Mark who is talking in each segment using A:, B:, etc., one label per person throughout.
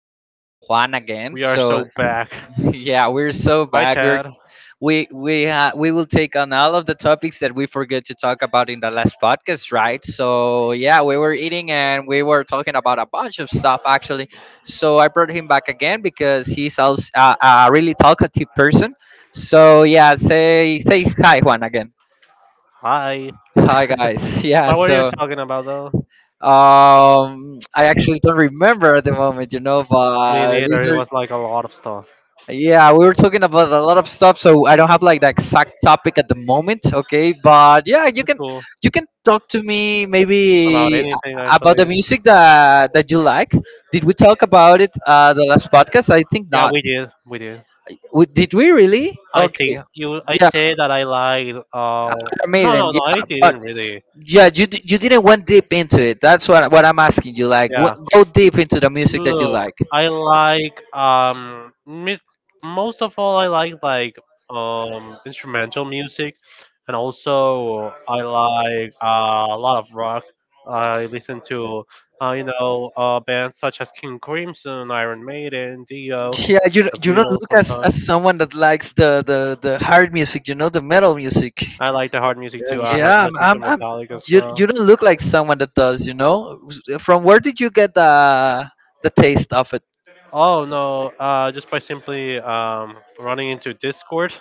A: we brought Juan again.
B: We are
A: So,
B: so back.
A: yeah, we're so
B: Hi,
A: back. We're
B: Chad.
A: we we uh, we will take on all of the topics that we forgot to talk about in the last podcast, right? So, yeah, we were eating and we were talking about a bunch of stuff actually. So I brought him back again because he's also a really talkative person. So yeah, say hi, Juan, again.
B: Hi.
A: Hi, guys. Yeah,
B: What were you
A: so.
B: talking about though?
A: I actually don't remember at the moment,
B: Me neither. It was like a lot of stuff.
A: yeah, we were talking about a lot of stuff, so I don't have like the exact topic at the moment, okay? But yeah, you
B: It's
A: can
B: cool
A: you can talk to me
B: about
A: maybe
B: anything
A: about the
B: actually.
A: music that you like. Did we talk about it the last podcast? I think
B: Yeah,
A: not.
B: we did. We did.
A: Did we really?
B: I
A: Okay.
B: think you. I
A: Yeah,
B: said that I like.
A: Iron
B: No,
A: Maiden.
B: no, no. I
A: Yeah,
B: didn't
A: but
B: really.
A: yeah, you didn't went deep into it. That's what I'm asking you. Like,
B: Yeah.
A: what, go deep into the music that you
B: Look,
A: like.
B: I like most of all I like instrumental music and also I like a lot of rock. I listen to bands such as King Crimson, Iron Maiden, Dio,
A: Yeah,
B: The
A: you don't
B: Beatles
A: look
B: sometimes.
A: as someone that likes the hard music, you know, the metal music.
B: I like the hard music too. I have
A: Yeah, I'm,
B: listened to
A: I'm, I'm
B: Metallica as
A: you
B: well.
A: you don't look like someone that does, you know. From where did you get the taste of it?
B: Oh no, just by simply running into Discord.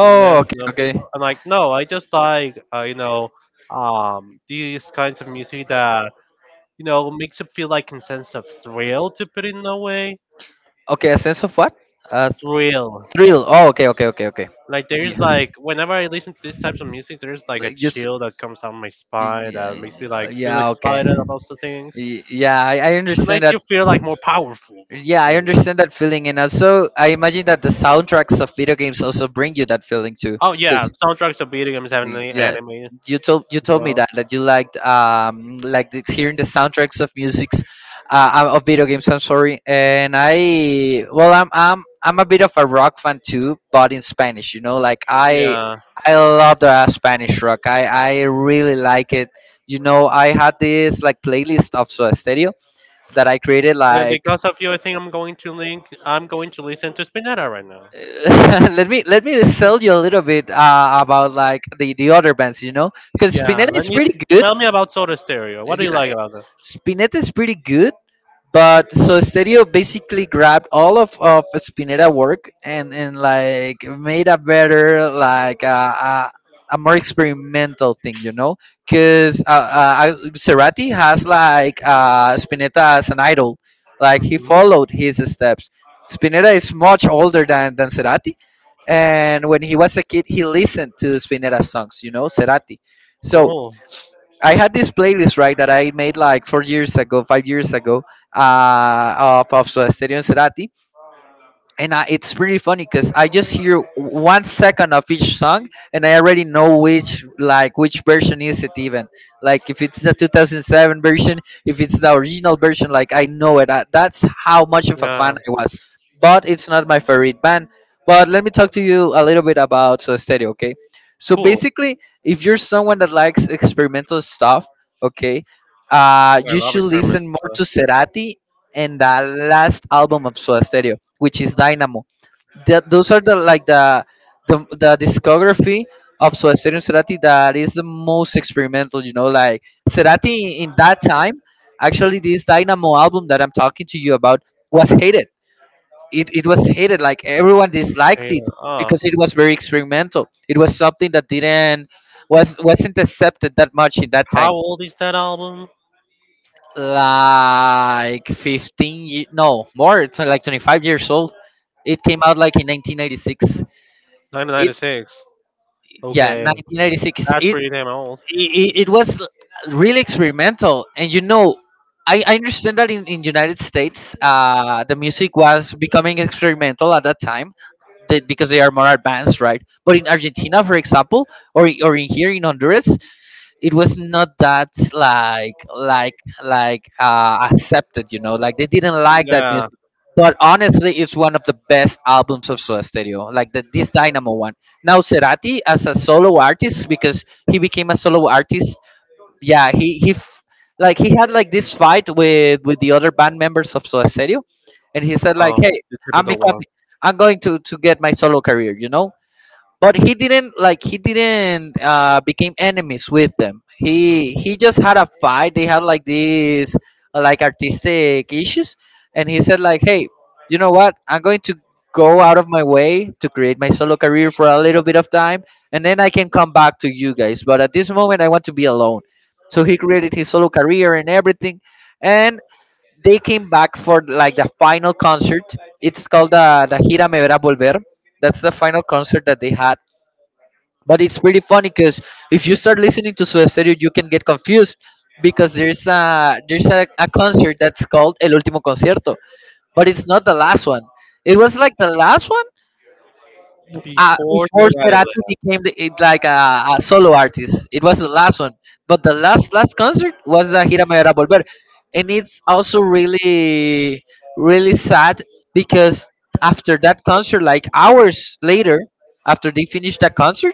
B: Yeah, you
A: okay,
B: know, people,
A: okay,
B: I'm like, no, I just like, these kinds of music that, makes you feel like a sense of thrill to put it in a way.
A: okay. A sense of what? Uh,
B: Thrill.
A: thrill. Oh, okay, okay, okay, okay.
B: Like,
A: Yeah,
B: there's like, whenever I listen to these types of music, there's like a
A: like just
B: chill that comes down my spine that makes me
A: yeah,
B: like feel
A: yeah, okay.
B: excited about some things.
A: Yeah, I
B: It
A: understand
B: makes you
A: that.
B: feel like more powerful
A: Yeah,
B: in
A: I
B: a way.
A: understand that feeling, and also I imagine that the soundtracks of video games also bring you that feeling too.
B: Oh, yeah,
A: Because
B: soundtracks of video games, anime,
A: yeah,
B: anime
A: you told you
B: as
A: told me
B: well.
A: that you liked like hearing the soundtracks of musics, of video games. I'm sorry, and I well I'm a bit of a rock fan too, but in Spanish. You know, like I
B: Yeah.
A: I love the Spanish rock. I really like it. You know, I had this like playlist of Soda Stereo that I created
B: And
A: like.
B: because of you, I think I'm going to link. I'm going to listen to Spinetta right now.
A: Let me sell you a little bit about like the other bands, you know, because
B: Yeah,
A: Spinetta
B: let
A: is
B: me
A: pretty good.
B: tell me about Soda Stereo. What do you
A: Yeah,
B: like about them?
A: Spinetta is pretty good. But so Stereo basically grabbed all of Spinetta work and like made a better like a more experimental thing, you know, because Cerati has like Spinetta as an idol, like he
B: Hmm.
A: followed his steps. Spinetta is much older than Cerati, and when he was a kid, he listened to Spinetta songs, you know, Cerati. So
B: Cool.
A: I had this playlist, right, that I made like 4 years ago, 5 years ago, uh, of Soda Stereo and Cerati, and it's really funny because I just hear one second of each song, and I already know which, like, which version is it even. Like if it's the 2007 version, if it's the original version, like I know it. That's how much of a fan
B: Yeah,
A: I was. But it's not my favorite band. But let me talk to you a little bit about Soda Stereo, okay? So
B: cool.
A: basically, if you're someone that likes experimental stuff, okay,
B: I
A: you
B: love
A: should
B: experimental
A: listen more to
B: stuff.
A: Cerati and the last album of Soda Stereo, which is Dynamo. Those are the like the discography of Soda Stereo and Cerati that is the most experimental. You know, like Cerati in that time, actually, this Dynamo album that I'm talking to you about was hated. It was hated. Like everyone disliked
B: Hey,
A: it
B: uh,
A: because it was very experimental. It was something that didn't was wasn't accepted that much in that
B: how
A: time,
B: old is that album?
A: like 15 no, more, it's like 25 years old. It came out like in 1996. It
B: 1996.
A: Yeah,
B: Okay,
A: 1996.
B: that's pretty damn old.
A: It was really experimental, and you know, I understand that in United States, the music was becoming experimental at that time, that because they are more advanced, right? But in Argentina, for example, or in here in Honduras, it was not that, like like accepted, you know. Like they didn't like that
B: Yeah.
A: music. But honestly, it's one of the best albums of Soda Stereo, like the this Dynamo one. Now Cerati as a solo artist, because he became a solo artist. Yeah, like he had like this fight with the other band members of Soda Stereo, and he said like,
B: Um,
A: "Hey,
B: the
A: I'm
B: typical one.
A: becoming, I'm going to get my solo career," you know, but he didn't, like he didn't became enemies with them.
B: Hmm.
A: He just had a fight. They had like these like artistic issues, and he said like, hey, you know what, I'm going to go out of my way to create my solo career for a little bit of time, and then I can come back to you guys, but at this moment I want to be alone. So he created his solo career and everything, and they came back for like the final concert. It's called the Gira Me Verá Volver. That's the final concert that they had. But it's pretty funny, because if you start listening to su Stereo, you can get confused, because there's a concert that's called El Último Concierto, but it's not the last one. It was like the last one
B: Before
A: before
B: Karate
A: Cerati
B: Lab.
A: became the, it like a solo artist. It was the last one, but the last last concert was the Gira Me Verás Volver, and it's also really really sad, because after that concert, like hours later, after they finished that concert,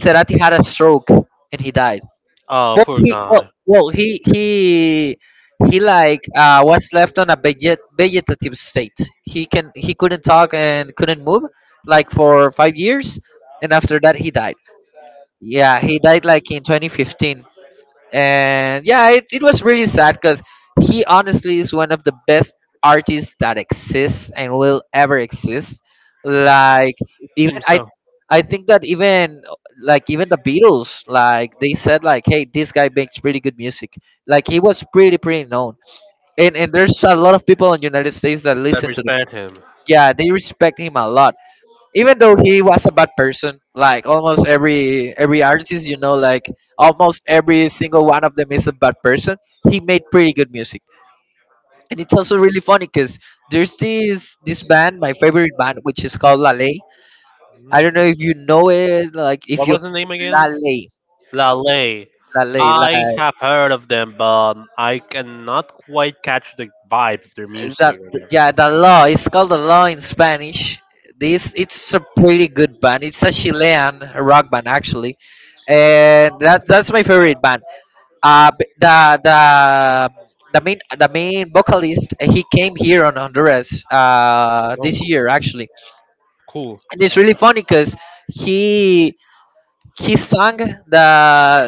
A: Cerati had a stroke and he died.
B: Oh,
A: Well,
B: poor
A: he well,
B: guy.
A: well he he he like was left on a vegetative state. He couldn't talk and couldn't move like for 5 years, and after that he died. Yeah, he died like in 2015, and yeah, it was really sad, because he honestly is one of the best artists that exists and will ever exist. Like,
B: It
A: even
B: seems
A: i
B: so.
A: i think that even like even the Beatles, like they said like, hey, this guy makes pretty good music. Like he was pretty pretty known, and there's a lot of people in the United States that
B: I
A: listen to the,
B: respect him.
A: yeah, they respect him a lot, even though he was a bad person, like almost every artist, you know, like almost every single one of them is a bad person. He made pretty good music. And it's also really funny because there's this band, my favorite band, which is called La Ley. I
B: Mhm.
A: don't know if you know it, like if
B: What
A: you,
B: was the name
A: La
B: again?
A: Ley,
B: Lale.
A: La Ley,
B: I have heard of them, but I cannot quite catch the vibe of their
A: that,
B: music right now.
A: yeah, the law, it's called the law in Spanish. This It's a pretty good band. It's a Chilean rock band, actually, and that's my favorite band. uh b- the the the main, the main vocalist, he came here on Honduras
B: Oh,
A: this
B: cool.
A: year, actually.
B: Cool.
A: And it's really funny because he he sang the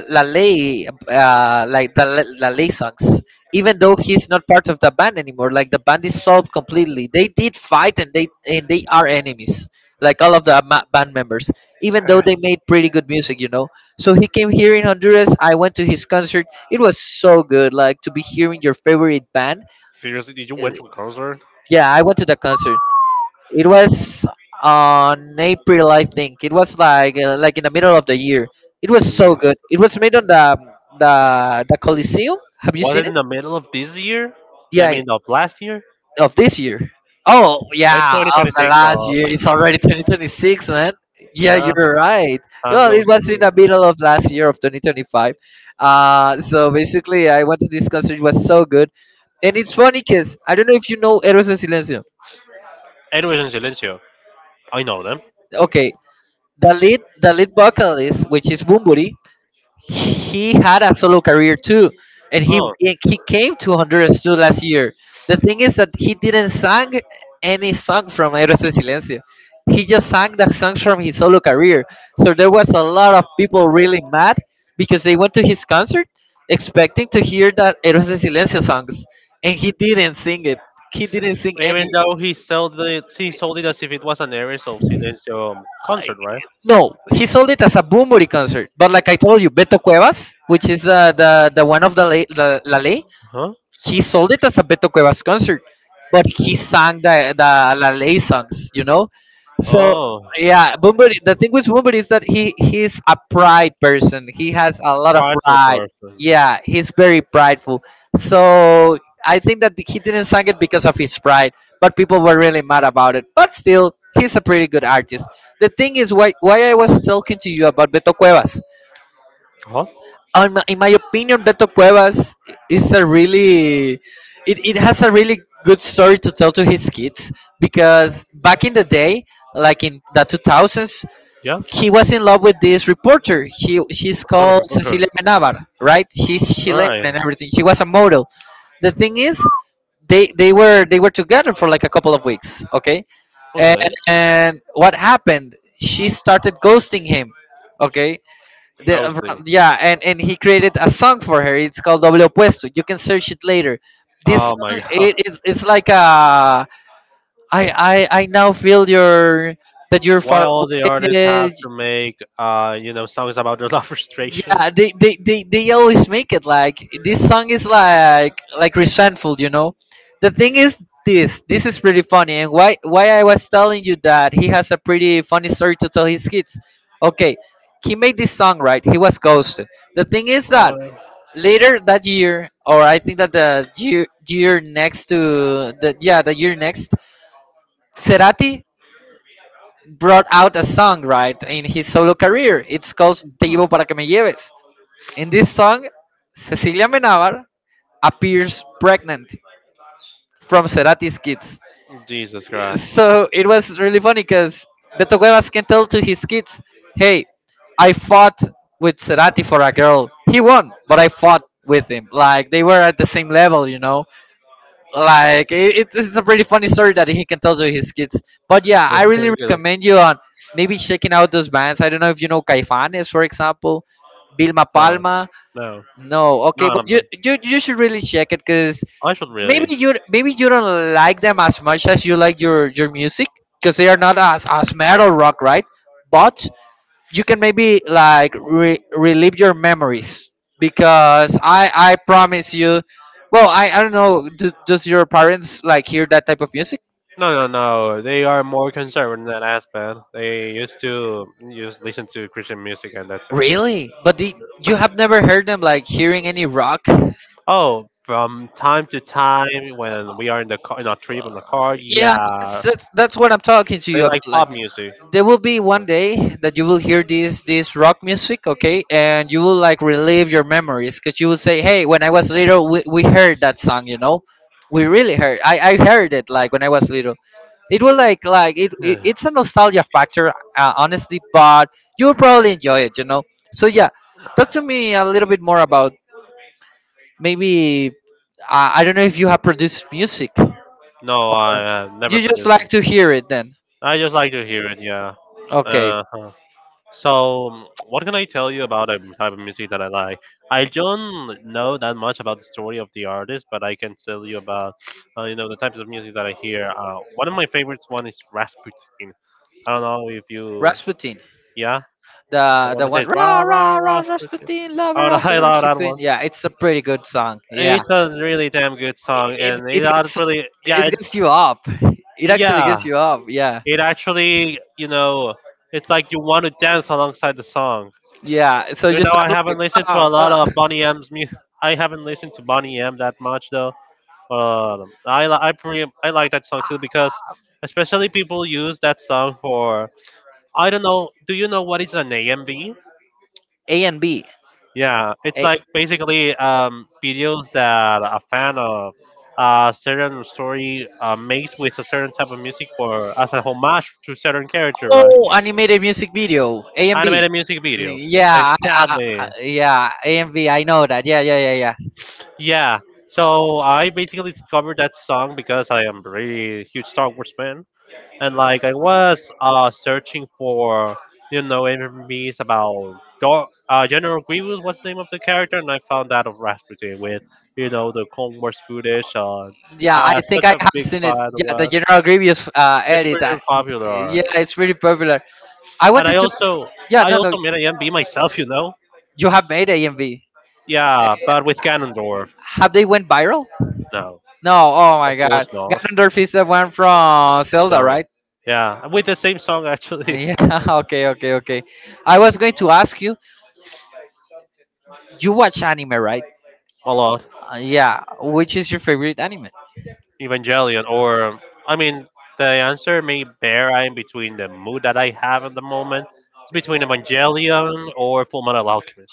A: Lalay, like the Lalay songs, even though he's not part of the band anymore. Like the band is solved completely. They did fight, and they are enemies. Like all of the band members, even though they made pretty good music, you know. So he came here in Honduras. I went to his concert. It was so good. Like to be hearing your favorite band.
B: Seriously, did you
A: Uh,
B: went to a concert?
A: Yeah, I went to the concert. It was on April, I think. It was like in the middle of the year. It was so
B: Yeah.
A: good. It was made on the the Coliseum. Have you
B: Was
A: seen
B: it in
A: it?
B: the middle of this year? I
A: Yeah,
B: mean, of last year?
A: of this year. Oh
B: It's
A: yeah, of the
B: 2026,
A: last
B: but
A: year. It's already 2026, man. Yeah,
B: yeah,
A: you're right.
B: time
A: Well,
B: goes
A: it was in
B: through.
A: the middle of last year, of 2025. So basically, I went to this concert. It was so good, and it's funny because I don't know if you know Eros and Silencio.
B: Anyways, in Silencio, I know them.
A: Okay, the lead, the lead vocalist, which is Bumburi, he had a solo career too, and he
B: Oh,
A: he came to Honduras too last year. The thing is that he didn't sang any song from Héroes En Silencio. He just sang the songs from his solo career. So there was a lot of people really mad because they went to his concert expecting to hear the Héroes En Silencio songs, and he didn't sing it. He didn't sing any
B: even though he sold it as if it was an Aries of Silentium concert, right?
A: No, he sold it as a Boom concert. But like I told you, Beto Cuevas, which is the one of the La Ley,
B: Huh?
A: he sold it as a Beto Cuevas concert, but he sang the La Ley songs, you know. So
B: Oh,
A: yeah, Bumburi. The thing with Bumburi is that he's a pride person. He has a lot of
B: prideful
A: pride.
B: person.
A: Yeah, he's very prideful. So I think that he didn't sang it because of his pride, but people were really mad about it. But still, he's a pretty good artist. The thing is why I was talking to you about Beto Cuevas
B: Huh?
A: in my opinion, Beto Cuevas is a really it has a really good story to tell to his kids because back in the day, like in the 2000s,
B: Yeah.
A: he was in love with this reporter. He she's called Cecilia Menabar, right? She's
B: All
A: Chilean
B: right.
A: and everything. She was a model. The thing is, they were together for like a couple of weeks, okay? And,
B: Okay.
A: and what happened? She started ghosting him, okay? The, uh,
B: Ghosting.
A: yeah, and he created a song for her. It's called Doble Opuesto. You can search it later. This
B: Oh my
A: song, it,
B: god.
A: it's, it's like I now feel your that you're
B: Why
A: far
B: all the artists
A: away.
B: have to make songs about their love frustrations?
A: Yeah, they always make it like this song is like resentful, you know. The thing is this. This is pretty funny, and why I was telling you that he has a pretty funny story to tell his kids. Okay, he made this song right. He was ghosted. The thing is that later that year, or I think that the year, year next to the yeah the year next, Cerati brought out a song right in his solo career. It's called "Te llevo para que me lleves." In this song, Cecilia Menabar appears pregnant from Cerati's kids.
B: Jesus Christ.
A: So it was really funny because Beto Cuevas can tell to his kids, "Hey, I fought with Cerati for a girl. He won, but I fought with him. Like they were at the same level, you know." Like it's a pretty funny story that he can tell to his kids, but yeah, I really
B: Very good.
A: recommend you on maybe checking out those bands. I don't know if you know Caifanes for example, Vilma
B: No,
A: Palma.
B: no,
A: No, okay,
B: no,
A: but
B: no, no.
A: you should really check it because
B: I should
A: maybe
B: really.
A: you don't like them as much as you like your music because they are not as as metal rock right, but you can maybe like relive your memories because I promise you. Well, I don't know. Does your parents like hear that type of music?
B: No, no, no. They are more conservative in that aspect. They used to just listen to Christian music and that's it.
A: Really? You have never heard them like hearing any rock?
B: Oh, from time to time when we are in the car, in our trip on the car,
A: Yeah,
B: yeah,
A: that's what I'm talking to
B: they
A: you
B: like
A: about. Like,
B: pop music.
A: there will be one day that you will hear this rock music, okay, and you will like relive your memories because you will say, "Hey, when I was little, we heard that song, you know, we really heard. I heard it like when I was little." It will like
B: Yeah.
A: it's a nostalgia factor, honestly, but you'll probably enjoy it, you know. So yeah, talk to me a little bit more about maybe I don't know if you have produced music,
B: No,
A: or
B: I never
A: you just like
B: participated.
A: to hear it then.
B: I just like to hear it. Yeah.
A: Okay.
B: Uh-huh. So, what can I tell you about the type of music that I like? I don't know that much about the story of the artist, but I can tell you about, the types of music that I hear. One of my favorites one is Rasputin. I don't know if you,
A: Rasputin.
B: yeah, the
A: the
B: one
A: the
B: that says
A: one,
B: "Ra
A: rah
B: Ra
A: rah rah
B: Rasputin."
A: Rasputin,
B: Oh,
A: lover of
B: I
A: the
B: love
A: Russian
B: that one.
A: queen. Yeah, it's a pretty good song. Yeah,
B: It's a really damn good song,
A: it
B: and it
A: it gets
B: actually,
A: it gets you up. It actually
B: yeah,
A: gets you up. Yeah,
B: it actually, it's like you want to dance alongside the song.
A: yeah. So
B: You know,
A: just
B: I
A: start
B: haven't
A: like
B: listened to a
A: "Fuck,
B: lot
A: fuck."
B: of Bonnie M's music. I haven't listened to Bonnie M that much though. But I li- I pre- I like that song too because especially people use that song for I don't know. Do you know what is an AMV?
A: A and B.
B: Yeah, it's
A: A-
B: like basically videos that a fan of a certain story makes with a certain type of music for as a homage to certain character, right?
A: oh, animated music video. A and B.
B: Animated music video.
A: Yeah,
B: Exactly.
A: yeah. A and B. I know that. Yeah, yeah, yeah, yeah.
B: Yeah. So I basically discovered that song because I am really huge Star Wars fan, and like I was searching for MMVs about General Grievous was the name of the character, and I found that of Rasputin with the Clone Wars footage.
A: Yeah, I think
B: Such
A: I
B: a
A: have
B: big
A: seen it.
B: fan
A: Yeah, the
B: was.
A: General Grievous
B: It's
A: edit.
B: pretty popular,
A: Yeah, it's really popular. I
B: and
A: wanted to ask. Yeah,
B: I
A: no, no.
B: also made an MB myself, you know.
A: You have made AMV.
B: Yeah, but with Ganondorf,
A: Have they went viral?
B: no,
A: No. Oh
B: of
A: my God.
B: course not.
A: Ganondorf is the one from Zelda,
B: Zelda.
A: right?
B: Yeah, with the same song actually.
A: Yeah. Okay. Okay. Okay. I was going to ask you. You watch anime, right?
B: A lot.
A: Yeah. Which is your favorite anime?
B: Evangelion, or I mean, the answer may vary between the mood that I have at the moment. It's between Evangelion or Full Metal Alchemist.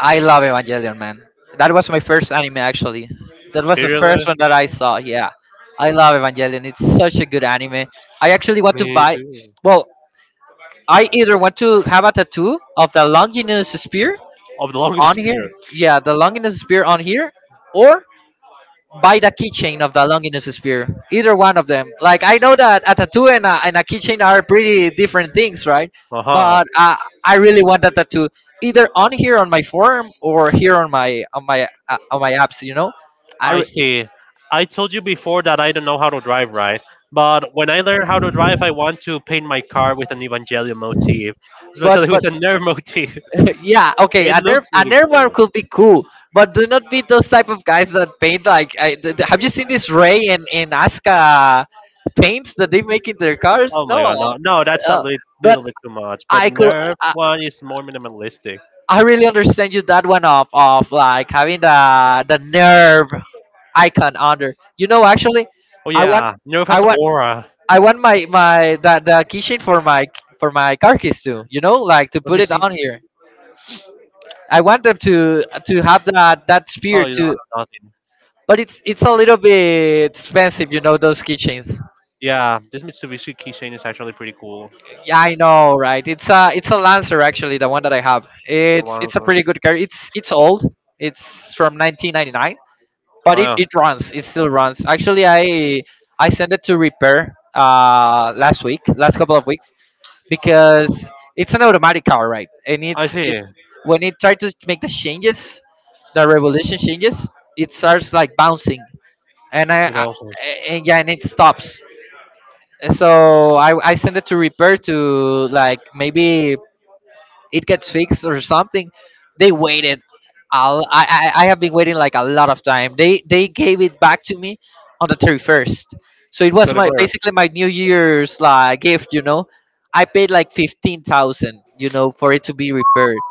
A: I love Evangelion, man. That was my first anime, actually. That was the first
B: Seriously,
A: one that I saw. Yeah, I love Evangelion. It's such a good anime. I actually want to
B: me
A: buy.
B: too.
A: Well, I either want to have a tattoo of the Longinus spear
B: Of the
A: on
B: longest period.
A: here, yeah, the Longinus spear on here, or buy the keychain of the Longinus spear. Either one of them. Like I know that a tattoo and a keychain are pretty different things, right?
B: Uh huh.
A: But I really want that tattoo either on here on my forearm or here on my on my on my abs. You know, I
B: I
A: re-
B: see. I told you before that I don't know how to drive right, but when I learn how to drive, I want to paint my car with an Evangelion motif, especially
A: but
B: with a nerve motif.
A: yeah, okay,
B: It
A: a nerf
B: looks
A: a
B: really
A: another one
B: cool.
A: could be cool, but do not be those type of guys that paint like. Have you seen this Ray and Asuka paints that they make in their cars?
B: Oh
A: No,
B: my god, no, no, that's a
A: oh,
B: little
A: but
B: bit too much. But
A: I could.
B: Nerf
A: I,
B: one is more minimalistic.
A: I really understand you that one of like having the nerve icon under. You know, actually,
B: Oh
A: I want
B: yeah, Nerf
A: I
B: has
A: want
B: aura.
A: I want my the keychain for my car keys too. You know, like to
B: Let
A: put
B: me
A: it
B: see.
A: on here. I want them to have that that
B: Oh,
A: spirit
B: you don't
A: to,
B: have nothing.
A: but it's a little bit expensive, you know, those keychains.
B: Yeah, this Mitsubishi keychain is actually pretty cool.
A: Yeah, I know, right? It's a Lancer actually, the one that I have. It's
B: Ones.
A: a pretty good car. It's old. It's from 1999, but
B: Oh
A: it
B: yeah,
A: it runs. It still runs. Actually, I sent it to repair last week, last couple of weeks, because it's an automatic car, right? And
B: I see.
A: when it tries to make the changes, the revolution changes, it starts like bouncing, and I
B: Without us.
A: and yeah, and it stops. So I send it to repair to like maybe it gets fixed or something. They waited. I'll, I have been waiting like a lot of time. They gave it back to me on the 31st. So it was my
B: 24.
A: basically my New Year's like gift. You know, I paid like 15,000. You know, for it to be repaired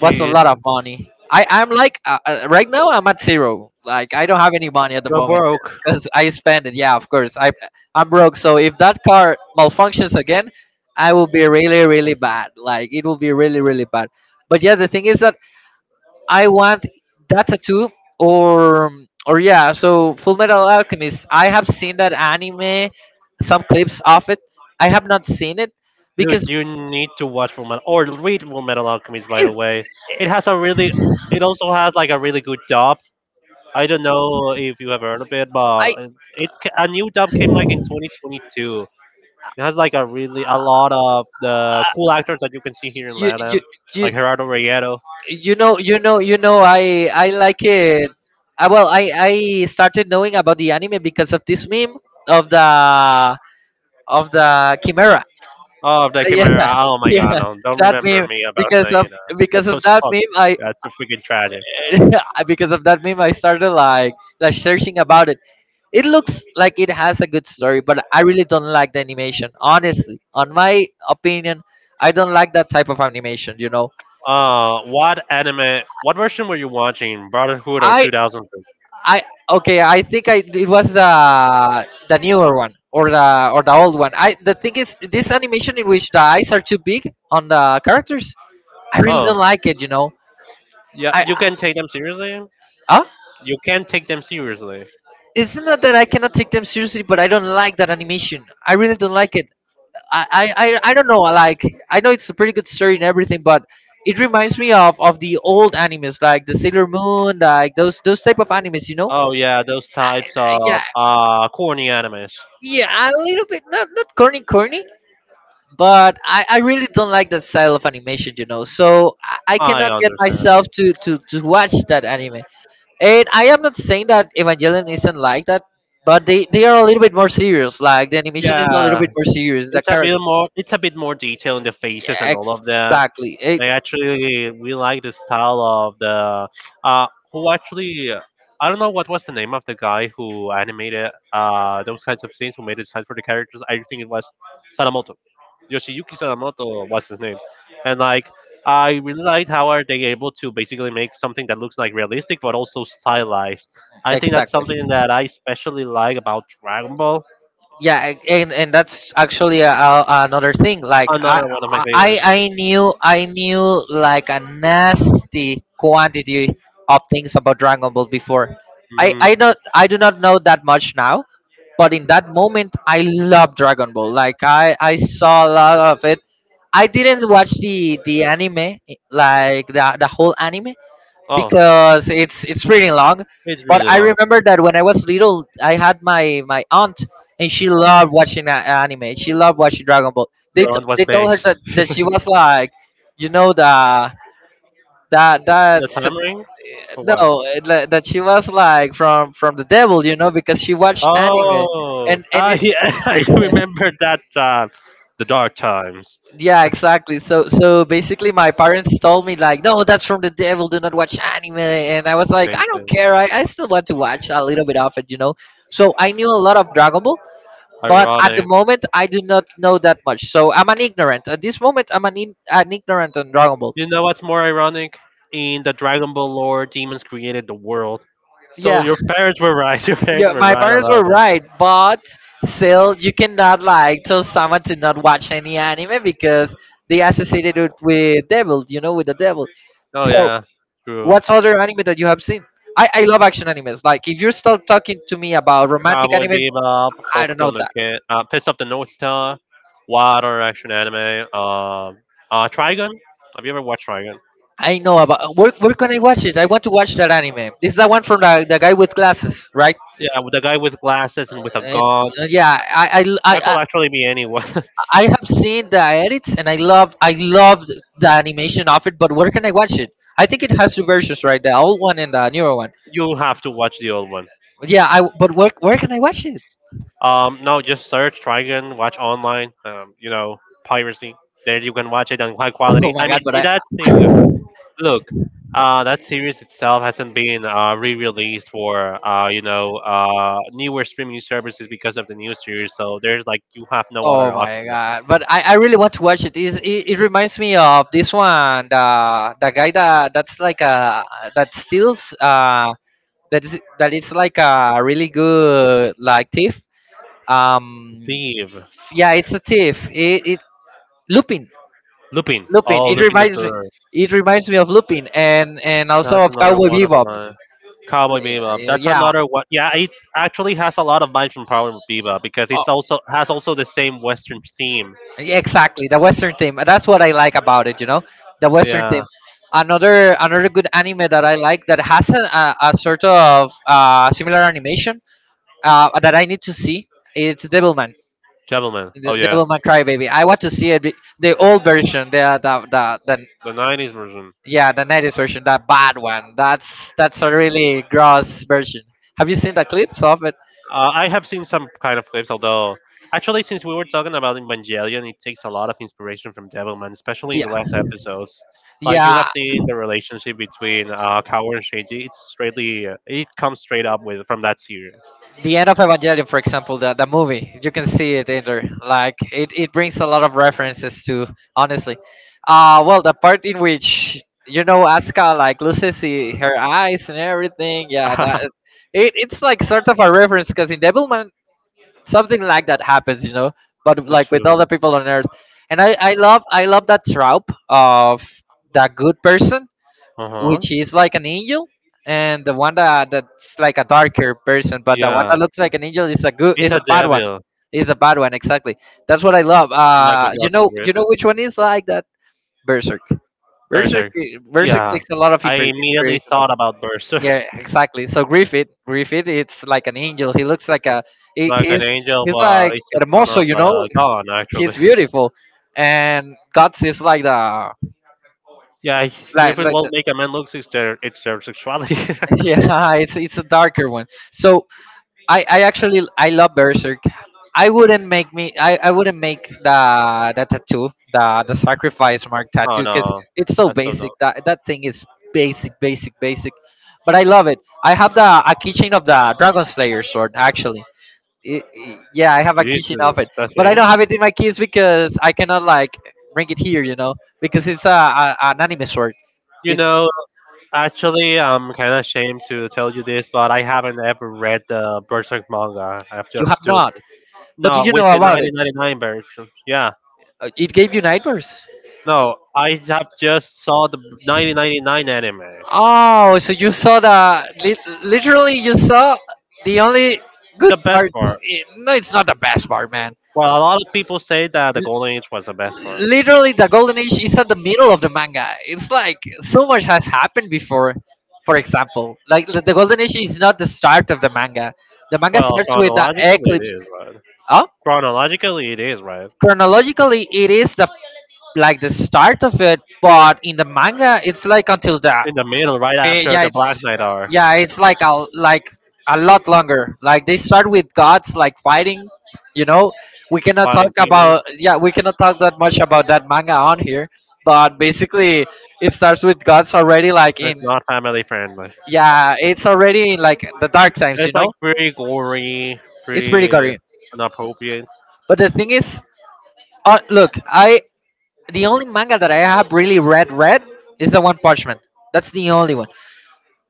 A: was a lot of money. I'm like right now I'm at zero. Like I don't have any money at the
B: You're
A: moment
B: broke.
A: because I spend it. Yeah, of course I'm broke. So if that car malfunctions again, I will be really really bad. Like it will be really really bad. But yeah, the thing is that I want that tattoo or or yeah. So Full Metal Alchemist. I have seen that anime, some clips of it. I have not seen it because
B: Dude, you need to watch Full Metal or read Full Metal Alchemist. By the
A: it's
B: way, it has a really, it also has like a really good dub. I don't know if you have heard of it, but
A: I
B: it a new dub came like in 2022. It has like a really a lot of the cool actors that you can see here in
A: you you
B: Latam,
A: you
B: like Gerardo Reyero.
A: you know I like it. I, well I started knowing about the anime because of this meme of the of the chimera
B: Oh, the
A: yeah
B: Chimera. Oh my God,
A: yeah
B: no! Don't
A: that
B: remember
A: meme
B: me about
A: because of
B: Nayana.
A: because
B: That's
A: of
B: what's
A: that
B: fuck.
A: meme I
B: That's so freaking tragic.
A: because of that meme I started like searching about it. It looks like it has a good story, but I really don't like the animation, honestly, on my opinion. I don't like that type of animation, you know.
B: What anime? What version were you watching? Brotherhood or
A: I.
B: 2000?
A: I Okay. I think I it was the newer one or the old one. I the thing is this animation in which the eyes are too big on the characters. I really
B: Oh,
A: don't like it. You know,
B: yeah.
A: I
B: You can take them seriously.
A: huh?
B: You can take them seriously.
A: It's not that I cannot take them seriously, but I don't like that animation. I really don't like it. I I I don't know. Like I know it's a pretty good story and everything, but it reminds me of the old animes like the Sailor Moon, like those type of animes. You know,
B: Oh yeah, those types
A: uh,
B: of
A: yeah,
B: corny animes.
A: yeah, a little bit not not corny corny, but I really don't like that style of animation, you know. So I
B: I
A: cannot get
B: understand.
A: myself to watch that anime. And I am not saying that Evangelion isn't like that, but they are a little bit more serious. Like the animation is a little
B: Yeah,
A: bit more serious. The
B: it's a
A: character,
B: bit more. It's a bit more detail in the
A: yeah,
B: faces and all of that.
A: exactly, it,
B: I actually we like the style of the uh who actually I don't know what was the name of the guy who animated those kinds of scenes who made the designs for the characters. I think it was Sadamoto. Yoshiyuki Sadamoto was his name. And like I really liked how are they able to basically make something that looks like realistic but also stylized. I think that's
A: exactly.
B: something that I especially like about Dragon Ball.
A: Yeah, and that's actually another thing like I,
B: Another one of my
A: I
B: favorites.
A: i knew i knew like a nasty quantity of things about Dragon Ball before.
B: Mm.
A: I not I do not know that much now, but in that moment I love Dragon Ball like I saw a lot of it. I didn't watch the anime like the whole anime
B: Oh,
A: because it's pretty long.
B: it's
A: But
B: really
A: I
B: long.
A: remember that when I was little, I had my aunt, and she loved watching anime. She loved watching Dragon Ball.
B: Your aunt was
A: They told her
B: based.
A: that, that she was like, you know, the that
B: And the
A: that's
B: time ring? For what?
A: no that she was like from the devil, you know, because she watched anime,
B: Oh,
A: and
B: ah,
A: it's
B: yeah, I remember that. The dark times.
A: Yeah, exactly. So so basically my parents told me like, "No, that's from the devil. Do not watch anime." And I was like,
B: Same
A: "I don't
B: thing.
A: care. I still want to watch a little bit of it, you know." So I knew a lot of Dragon Ball, but at the
B: Ironic.
A: moment I do not know that much. So I'm an ignorant. At this moment I'm an ignorant on Dragon Ball.
B: You know what's more ironic? In the Dragon Ball lore, demons created the world. So
A: Yeah.
B: your parents were right. Your parents
A: Yeah,
B: were
A: my
B: right
A: parents were
B: about.
A: right, but still you cannot like tell someone to not watch any anime because they associated it with devil, you know, with the devil.
B: Oh
A: So
B: yeah, true.
A: what's other anime that you have seen? I love action animes. Like if you're still talking to me about romantic
B: Cowboy
A: animes,
B: Bebop,
A: I don't know
B: Hokuto no
A: that.
B: Ken, Piss of the North Star, Wild or Action Anime, Trigun. Have you ever watched Trigun?
A: I know about where can I watch it? I want to watch that anime. This is that one from the guy with glasses, right?
B: Yeah, with the guy with glasses and with a
A: And
B: gun.
A: yeah, I I, I
B: That
A: I
B: could actually be anyone.
A: I have seen the edits and I loved the animation of it. But where can I watch it? I think it has two versions, right? The old one and the newer one.
B: You'll have to watch the old one.
A: But yeah, I but where can I watch it?
B: No, just search Trigun, watch online. You know, piracy. There you can watch it on high
A: Oh
B: quality.
A: my
B: I mean,
A: god!
B: that's thing. Look, that series itself hasn't been re-released for newer streaming services because of the new series. So there's like you have no other
A: Oh my
B: option.
A: god! But I really want to watch it. Is it, it reminds me of this one the guy that's like a that steals that is like a really good like thief. Um,
B: Thief,
A: yeah, it's a thief. It Lupin
B: Lupin.
A: Lupin.
B: Oh,
A: It
B: Lupin the
A: reminds me
B: Third.
A: of Lupin and also
B: That's
A: of
B: another
A: Cowboy
B: one of
A: Bebop.
B: my Cowboy Bebop.
A: Yeah,
B: That's
A: yeah.
B: another one. Yeah, it actually has a lot of vibes from Cowboy Bebop because it's also has also the same Western theme.
A: Yeah, exactly the western theme, that's what I like about it, you know, the western
B: Yeah,
A: theme. Another good anime that I like that has a sort of similar animation that I need to see, it's Devilman,
B: Gentleman.
A: the
B: Oh yeah,
A: Devilman Crybaby. I want to see it the old version, the
B: the '90s version.
A: yeah, the 90s version, that bad one. That's a really gross version. Have you seen the clips of it?
B: I have seen some kind of clips, although actually, since we were talking about Evangelion, it takes a lot of inspiration from Devilman, especially in
A: Yeah,
B: the last episodes. Like you
A: yeah,
B: have seen the relationship between Kaoru and Shinji, it's straightly it comes straight up with from that series.
A: the end of Evangelion for example, the movie, you can see it in there. Like it brings a lot of references to, honestly, well the part in which, you know, Asuka like loses her eyes and everything, yeah, that, it, it's like sort of a reference because in Devilman something like that happens, you know, but
B: That's
A: like with all
B: true.
A: the people on earth. And I love that trope of the good person,
B: Uh huh.
A: which is like an angel, and the one that that's like a darker person, but the one that
B: Yeah,
A: looks like an angel is a
B: it's a
A: bad one.
B: devil,
A: Is a bad one, exactly. That's what I love.
B: like with Gotham
A: You know
B: Griffith.
A: which one is like that? Berserk. Berserk,
B: Berserk.
A: Berserk
B: Yeah,
A: takes a lot of
B: I immediately
A: inspiration of.
B: thought about Berserk.
A: Yeah, exactly. So Griffith, it's like an angel. He,
B: Like an
A: he's
B: angel,
A: he's like
B: but he's a son
A: hermoso,
B: of
A: you know.
B: a god,
A: He's
B: actually.
A: beautiful, and Guts is like the
B: Yeah,
A: like
B: Griffin
A: like
B: will
A: the,
B: make a man look it's their sexuality.
A: yeah. It's a darker one. So I actually I love Berserk. I wouldn't make the tattoo, the sacrifice mark
B: Oh
A: tattoo, because
B: no,
A: it's so
B: that's so dumb.
A: basic. That that thing is basic, basic, but I love it. I have the a keychain of the Dragon Slayer sword, actually. Yeah, I have a keychain
B: Jesus,
A: of it,
B: that's
A: but I
B: it.
A: don't have it in my keys because I cannot like bring it here, you know, because it's a an anime sword.
B: You
A: It's
B: know, actually, I'm kind of ashamed to tell you this, but I haven't ever read the Berserk manga. I've
A: you
B: just
A: have
B: do
A: not, but did
B: no
A: you
B: with
A: know
B: the
A: about it?
B: 1999 version. Yeah,
A: It gave you nightmares.
B: no, I have just saw the 1999 anime.
A: Oh, so you saw the literally you saw the only good
B: The best
A: part.
B: part.
A: No, it's not the best part, man.
B: Well, a lot of people say that the Golden
A: L-
B: Age was the best part.
A: Literally, the Golden Age is at the middle of the manga. It's like so much has happened before. For example, like the Golden Age is not the start of the manga. The manga
B: Well,
A: starts with the
B: chronologically it
A: eclipse.
B: is, right?
A: Oh,
B: Chronologically it is, right?
A: chronologically, it is the like the start of it, but in the manga, it's like until the
B: In the middle, right
A: Fe-
B: after
A: yeah
B: the Black
A: it's
B: Knight are
A: yeah, it's like a a lot longer. Like they start with gods like fighting, you know. We cannot talk
B: fighting demons.
A: about, yeah, we cannot talk that much about that manga on here, but basically it starts with gods already like
B: It's
A: in,
B: not family friendly.
A: yeah, it's already in like the dark times, you
B: It's like
A: know,
B: pretty gory,
A: it's pretty
B: pretty
A: gory.
B: inappropriate.
A: But the thing is, look, I the only manga that I have really read is the One Punch Man. That's the only one.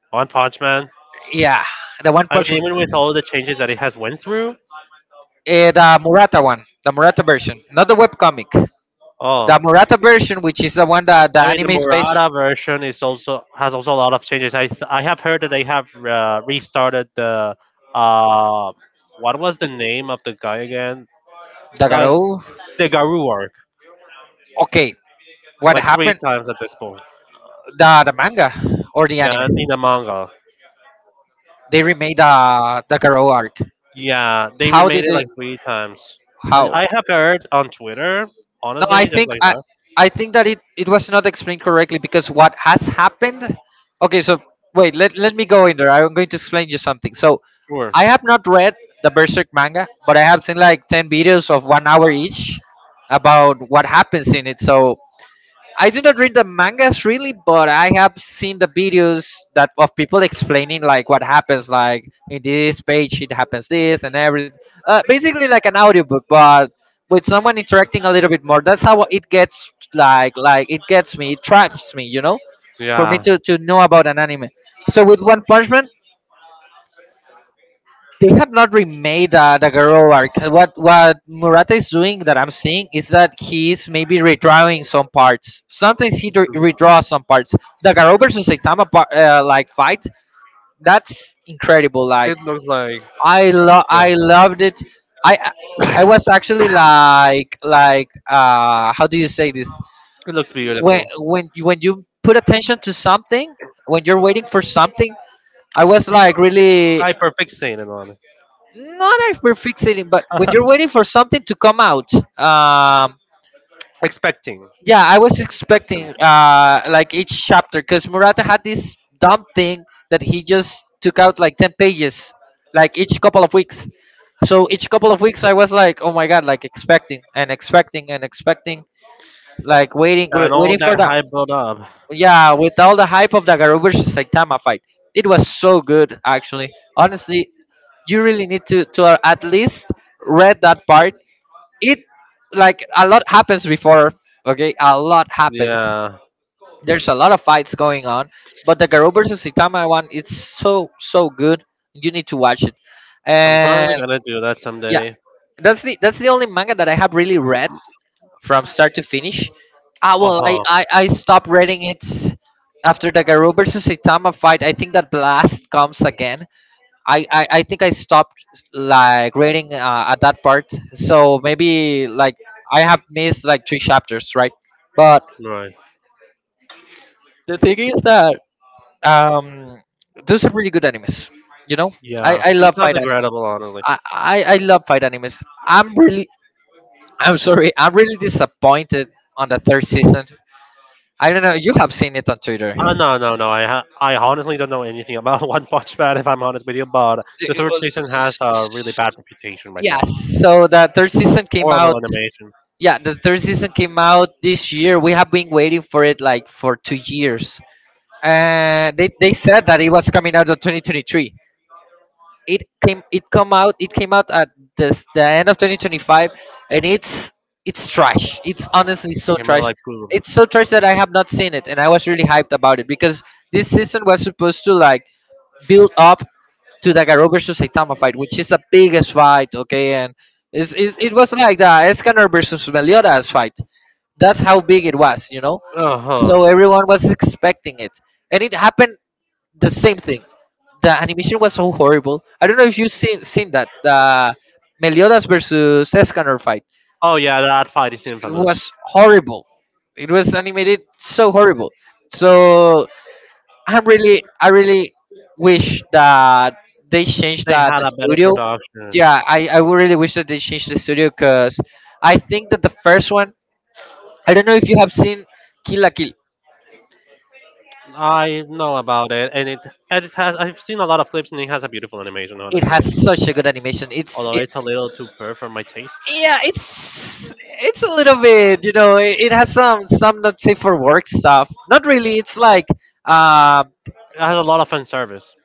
B: One Punch Man.
A: Yeah, the One
B: I
A: Punch Man.
B: mean, even with all the changes that it has went through.
A: Eh, the Murata one, the Murata version, not the webcomic.
B: Oh,
A: The Murata version, which is the one that the
B: I mean, the
A: anime is based.
B: Murata version is also has also a lot of changes. I have heard that they have restarted the uh, what was the name of the guy again? The,
A: Dagaro.
B: the Garu arc,
A: Okay, what
B: like three
A: happened?
B: times at this point.
A: The manga or the anime?
B: Yeah, in the manga.
A: They remade the Dagaro arc.
B: Yeah, they
A: How
B: remade
A: did
B: it
A: they?
B: like three times. I,
A: How?
B: I have heard on Twitter,
A: No,
B: honestly, just like
A: I think that it was not explained correctly because what has happened, okay, so wait, let me go in there. I'm going to explain you something. So
B: sure.
A: I have not read the Berserk manga, but I have seen like 10 videos of 1 hour each about what happens in it. So I did not read the mangas really, but I have seen the videos that of people explaining like what happens, like in this page it happens this and everything. Basically like an audiobook, but with someone interacting a little bit more. That's how it gets like it gets me, it traps me, you know, for me
B: Yeah.
A: to know about an anime. So with One Punch Man, they have not remade the girl arc. What Murata is doing that I'm seeing is that he's maybe redrawing some parts. Sometimes he
B: It's true.
A: redraws some parts. The Garou versus Saitama part, like fight, that's incredible. Like
B: It looks like
A: I love
B: yeah.
A: I loved it. I was actually like how do you say this?
B: It looks
A: When
B: beautiful.
A: when you put attention to something, when you're waiting for something, I was like really
B: High perfect sailing on it.
A: not a perfectionism, but when you're waiting for something to come out, um,
B: Expecting.
A: yeah, I was
B: Expecting.
A: expecting like each chapter, because Murata had this dumb thing that he just took out like 10 pages, like each couple of weeks. So each couple of weeks, I was like, oh my god, like expecting and expecting and expecting, like waiting,
B: And all
A: waiting for
B: that
A: that.
B: hype built up.
A: Yeah, with all the hype of the Garu versus Saitama fight, it was so good actually. Honestly, you really need to at least read that part. It Like a lot happens before. Okay, a lot happens,
B: Yeah,
A: there's a lot of fights going on, but the Garou versus Itama one, it's so so good, you need to watch it.
B: I'm probably
A: And
B: gonna do that
A: yeah,
B: someday.
A: that's the only manga that I have really read from start to finish. Ah,
B: Uh
A: well,
B: huh.
A: I stopped reading it after the Garou versus Itama fight. I think that blast comes again. I think I stopped like reading at that part. So maybe like I have missed like 3 chapters, right? But
B: Right.
A: the thing is that, um, those are really good animes. You know,
B: Yeah,
A: I
B: it
A: love
B: sounds
A: fight anime.
B: incredible, honestly.
A: I love fight animes. I'm really I'm sorry. I'm really disappointed on the third season. I don't know. You have seen it on
B: Oh
A: Twitter.
B: no, no, no. I ha- I honestly don't know anything about One Punch Man, if I'm honest with you. But the third season has a really bad reputation right now.
A: Yes. So the third season came
B: Horrible
A: out.
B: animation.
A: Yeah, the third season came out this year. We have been waiting for it like for 2 years. And they said that it was coming out of 2023. It came out at this the end of 2025, and it's trash. It's honestly
B: It
A: so
B: came out
A: trash.
B: like poop.
A: It's so trash that I have not seen it, and I was really hyped about it because this season was supposed to like build up to the Garo versus Saitama fight, which is the biggest fight, okay, and it was like the Escanor versus Meliodas fight. That's how big it was, you know.
B: Uh huh.
A: So everyone was expecting it, and it happened the same thing. The animation was so horrible. I don't know if you've seen that the Meliodas versus Escanor fight.
B: Oh yeah, that fight is
A: It
B: infamous.
A: was horrible. It was animated so horrible. So I'm really I really wish that they changed
B: They
A: that
B: had
A: the
B: a better
A: studio.
B: production.
A: Yeah, I would really wish that they changed the studio because I think that the first one, I don't know if you have seen Kill la Kill.
B: I know about it, and it and it has. I've seen a lot of clips, and it has a beautiful animation.
A: It
B: Honestly,
A: has such a good animation.
B: although it's a
A: It's
B: little too pure for my taste.
A: Yeah, it's a little bit it has some not safe for work stuff, not really. It's like uh y-
B: It has a lot of fan service.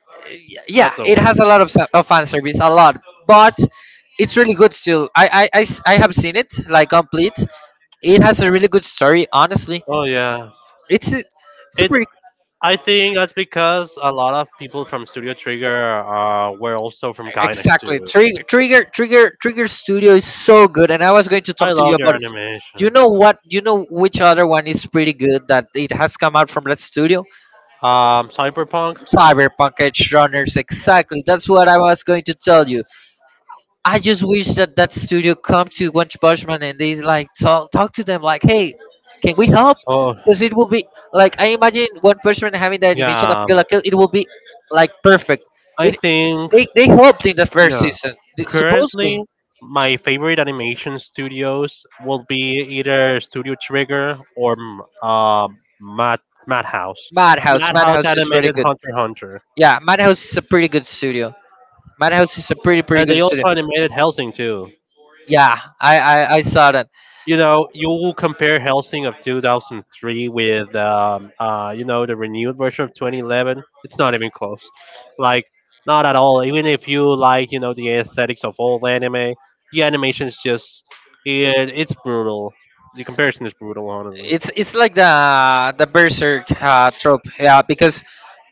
A: yeah,
B: That's the
A: it
B: word.
A: has a lot of, fan service, a lot. But it's really good still. I have seen it like complete. It has a really good story, honestly.
B: Oh yeah.
A: it's a- it's a
B: It.
A: pretty —
B: I think that's because a lot of people from Studio Trigger were also from Gainax
A: exactly,
B: too.
A: Trigger studio is so good, and I was going to
B: I
A: talk to you
B: love their
A: about it.
B: animation.
A: You know which other one is pretty good that it has come out from that studio?
B: Cyberpunk.
A: Cyberpunk Edge Runners, exactly. That's what I was going to tell you. I just wish that that studio come to One Punch Man and they like, talk to them like, hey, can we help?
B: Oh
A: Because it will be — like, I imagine One Punch Man having the animation of
B: yeah.
A: Kill la Kill. It will be like perfect.
B: I
A: It
B: think
A: They helped in the first
B: yeah.
A: season. They — supposedly
B: Currently, my favorite animation studios will be either Studio Trigger or Mad Madhouse.
A: Madhouse.
B: Madhouse
A: Madhouse is pretty
B: animated
A: good.
B: Hunter x Hunter,
A: Yeah, Madhouse is a pretty good studio. Madhouse is a pretty
B: and they
A: good studio.
B: also animated Helsing too.
A: Yeah, I saw —
B: You know, you will compare Helsing of 2003 with, you know, the renewed version of 2011. It's not even close. Like, not at all. Even if you like, you know, the aesthetics of old anime, the animation is just, it's brutal. The comparison is brutal, honestly.
A: it's like the berserk trope, yeah. Because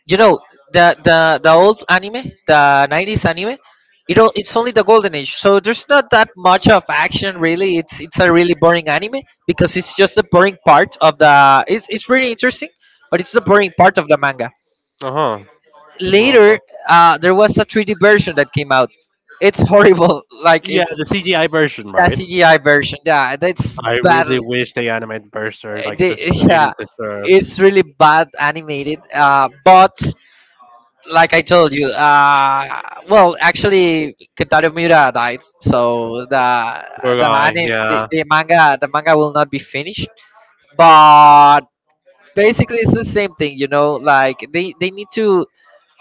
A: you know the the old anime, the 90s anime, it all, it's only the golden age, so there's not that much of action, really. It's a really boring anime because it's just the boring part of the — it's really interesting, but it's the boring part of the manga.
B: Uh huh.
A: Later there was a 3D version that came out. It's horrible like
B: Yeah,
A: it's
B: the CGI version,
A: the
B: right?
A: cgi version, yeah, that's
B: I
A: bad.
B: really wish they animated Berserk like it, des- it
A: Yeah,
B: deserves.
A: it's really bad animated, but like I told you, well, actually, Kentaro Miura died, so the
B: Poor guy,
A: the
B: yeah.
A: the manga will not be finished. But basically it's the same thing, you know, like they need to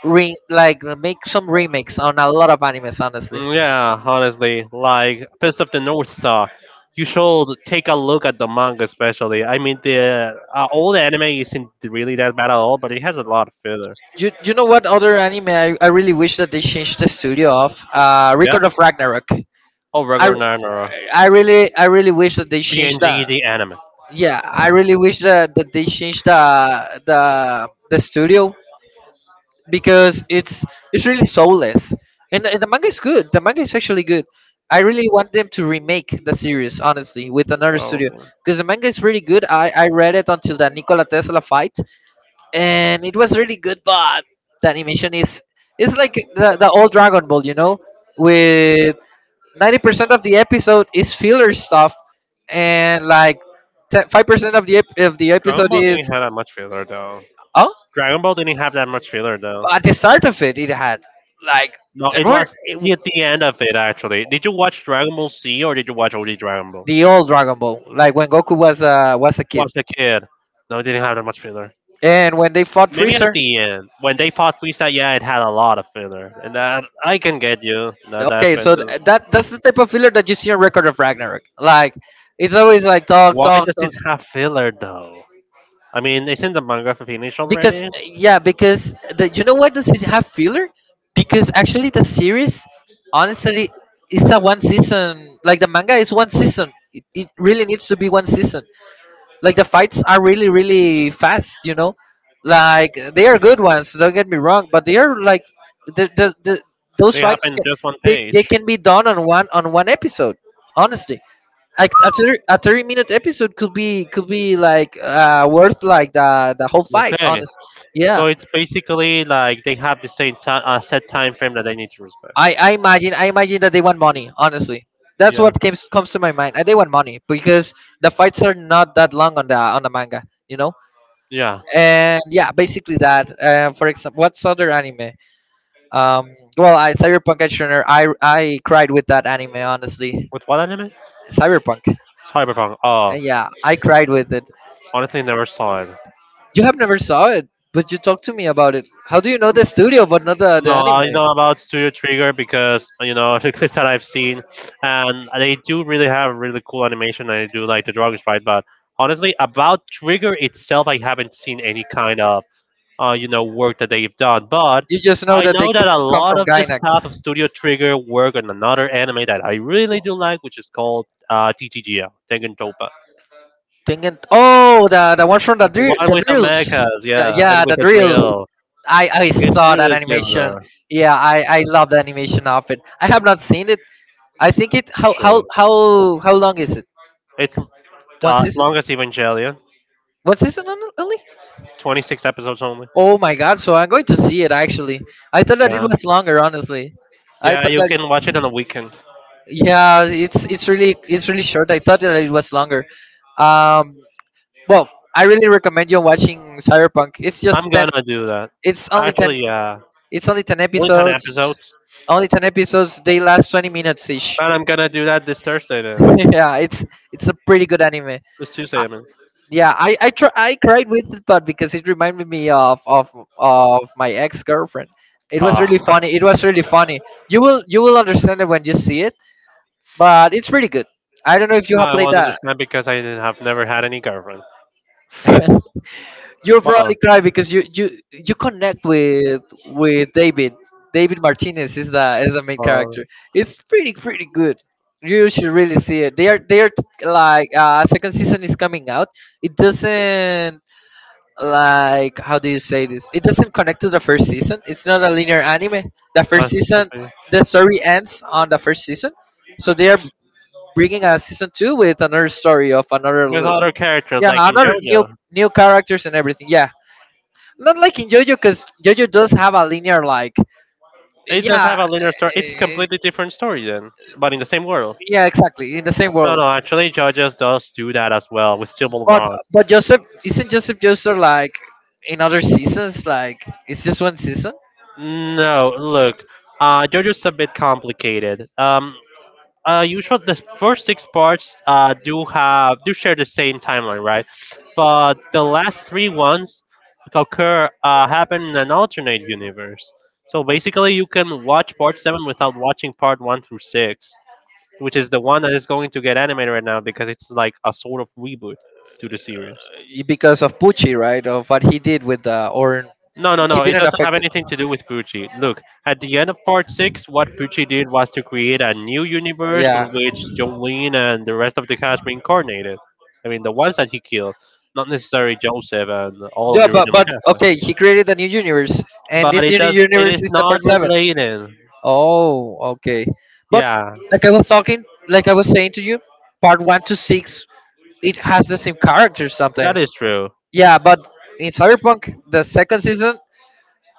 A: like make some remakes on a lot of animes, honestly.
B: Mm, yeah, honestly, like Fist of the North Star, you should take a look at the manga, especially. I mean, the old anime isn't really that bad at all, but it has a lot of filler.
A: You know what other anime I really wish that they changed the studio of? Uh,
B: Yeah?
A: Record of Ragnarok.
B: Oh,
A: i
B: regular Nanara.
A: I really wish that they changed
B: BNG,
A: that.
B: the anime.
A: Yeah, I really wish that, that they changed the the studio because it's — it's really soulless. And the manga is good. The manga is actually good. I really want them to remake the series, honestly, with another
B: Oh,
A: studio, because the manga is really good. I read it until the Nikola Tesla fight, and it was really good. But the animation is — it's like the old Dragon Ball, you know, with 90% of the episode is filler stuff, and like 5% of the
B: Dragon
A: episode
B: Ball
A: is —
B: didn't have that much filler, though.
A: oh.
B: Dragon Ball didn't have that much filler, though.
A: But at the start of it, it had like —
B: No,
A: there
B: it
A: were
B: was
A: it-
B: near the end of it actually. Did you watch Dragon Ball Z or did you watch only Dragon Ball?
A: the old Dragon Ball, like when Goku was a kid,
B: Watch the kid. No, it didn't have that much filler.
A: and when they fought
B: Maybe at
A: Freezer.
B: the end when they fought Frieza, yeah, it had a lot of filler, and that I can get you in that
A: Okay,
B: aspect.
A: so
B: 'Cause
A: that that's the type of filler that you see on Record of Ragnarok. Like, it's always like talk,
B: why
A: talk,
B: does
A: talk.
B: it have filler though? I mean, isn't the manga finished
A: Because
B: already?
A: yeah, because the — you know why does it have filler? Because actually the series, honestly, is a one season. Like, the manga is one season. It really needs to be one season. Like, the fights are really really fast, you know. Like, they are good ones, don't get me wrong, but they are like — the those
B: They
A: fights
B: happen in
A: can —
B: just one
A: they
B: page.
A: can be done on one — on one episode, honestly. Like a 30 — a 30 minute episode could be — could be like worth like the whole fight.
B: Okay,
A: Honestly, yeah.
B: so it's basically like they have the same time, set time frame that they need to respect.
A: I imagine — I imagine that they want money. Honestly, that's
B: Yeah,
A: what comes to my mind. They want money because the fights are not that long on the manga. You know,
B: yeah.
A: and yeah, basically that. For example, what's other anime? Well, I Cyberpunk Edge Runner. I cried with that anime, honestly.
B: With what anime?
A: Cyberpunk.
B: Cyberpunk. Oh,
A: Yeah, I cried with it.
B: honestly, never saw it.
A: You have never saw it, but you talked to me about it. How do you know
B: Um,
A: the studio but not the
B: No,
A: anime?
B: I know about Studio Trigger because you know the clips that I've seen, and they do really have really cool animation. I do like the drawings, right? But honestly, about Trigger itself, I haven't seen any kind of you know work that they've done. But
A: You just know
B: I
A: that they
B: know that a
A: come
B: lot
A: from
B: of the
A: Gainax.
B: staff of Studio Trigger work on another anime that I really do like, which is called TTGL Tengen Toppa.
A: Thinking, oh, the one from
B: The one
A: the
B: with the
A: drills.
B: mechas, yeah, and
A: Yeah,
B: with
A: the
B: a
A: drills.
B: drill.
A: I
B: It's
A: saw that
B: really
A: animation.
B: similar.
A: Yeah, I love the animation of it. I have not seen it. I think it —
B: It's
A: How how
B: true.
A: how how long is it?
B: It's
A: One
B: as
A: season?
B: long as Evangelion.
A: One season only?
B: 26 episodes only.
A: Oh my god! So I'm going to see it, actually. I thought that it
B: Yeah.
A: was longer, honestly. I
B: Yeah,
A: thought
B: you
A: that —
B: can watch it on a weekend.
A: yeah, it's really — it's really short. I thought that it was longer. Um, well, I really recommend you watching Cyberpunk. It's
B: I'm
A: just ten.
B: gonna do that.
A: It's only ten.
B: Actually, yeah.
A: It's only ten
B: Only 10
A: episodes.
B: episodes.
A: Only ten episodes. They last 20 minutes ish.
B: But I'm gonna do that this Thursday then.
A: Yeah, it's a pretty good anime.
B: This Tuesday,
A: Uh,
B: I mean.
A: yeah, I cried with it, but because it reminded me of of my ex girlfriend. It was
B: Ah.
A: really funny. It was really funny. You will understand it when you see it, but it's pretty good. I don't know if you
B: No,
A: have
B: I
A: played
B: won't
A: that.
B: understand because I didn't have never had any girlfriend.
A: You'll probably
B: Well,
A: cry because you connect with David. David Martinez is the — is the main
B: uh,
A: character. It's pretty good. You should really see it. They are like, uh, second season is coming out. It doesn't — like, how do you say this? It doesn't connect to the first season. It's not a linear anime. The first
B: that's just
A: season —
B: something-
A: the story ends on the first season. So they are bringing a season 2 with another story of another —
B: with other characters
A: yeah,
B: like in
A: another new —
B: JoJo,
A: new characters and everything. Yeah, not like in JoJo, because JoJo does have a linear, like,
B: it does have
A: yeah,
B: a linear story. It's a
A: eh,
B: completely different story then, but in the same world.
A: yeah, exactly, in the same
B: No,
A: world.
B: no, actually, JoJo does do that as well with Civil
A: But —
B: Run.
A: but Joseph isn't Joseph Joestar like in other seasons? Like, it's just one season.
B: No, look, JoJo's a bit complicated. Usual the first six parts do have do share the same timeline, right? But the last three ones occur happen in an alternate universe. So basically, you can watch part seven without watching part one through six, which is the one that is going to get animated right now because it's like a sort of reboot to the series.
A: Eh, because of Pucci, right? Of what he did with the Orin,
B: No, no,
A: he
B: no. It
A: didn't
B: doesn't have
A: affect it.
B: anything to do with Pucci. Look, at the end of part six, what Pucci did was to create a new universe in
A: Yeah,
B: which John Jolene and the rest of the cast reincarnated. I mean, the ones that he killed, not necessarily Joseph and all of
A: yeah,
B: the original
A: but
B: cast.
A: okay, he created a new universe, and
B: But
A: this
B: it
A: new
B: does. It
A: universe
B: is
A: is the
B: not
A: part seven.
B: related.
A: Oh, okay. But
B: Yeah,
A: like I was talking, like I was saying to you, part one to six — it has the same characters
B: that
A: sometimes.
B: is true.
A: Yeah, but in Cyberpunk, the second season,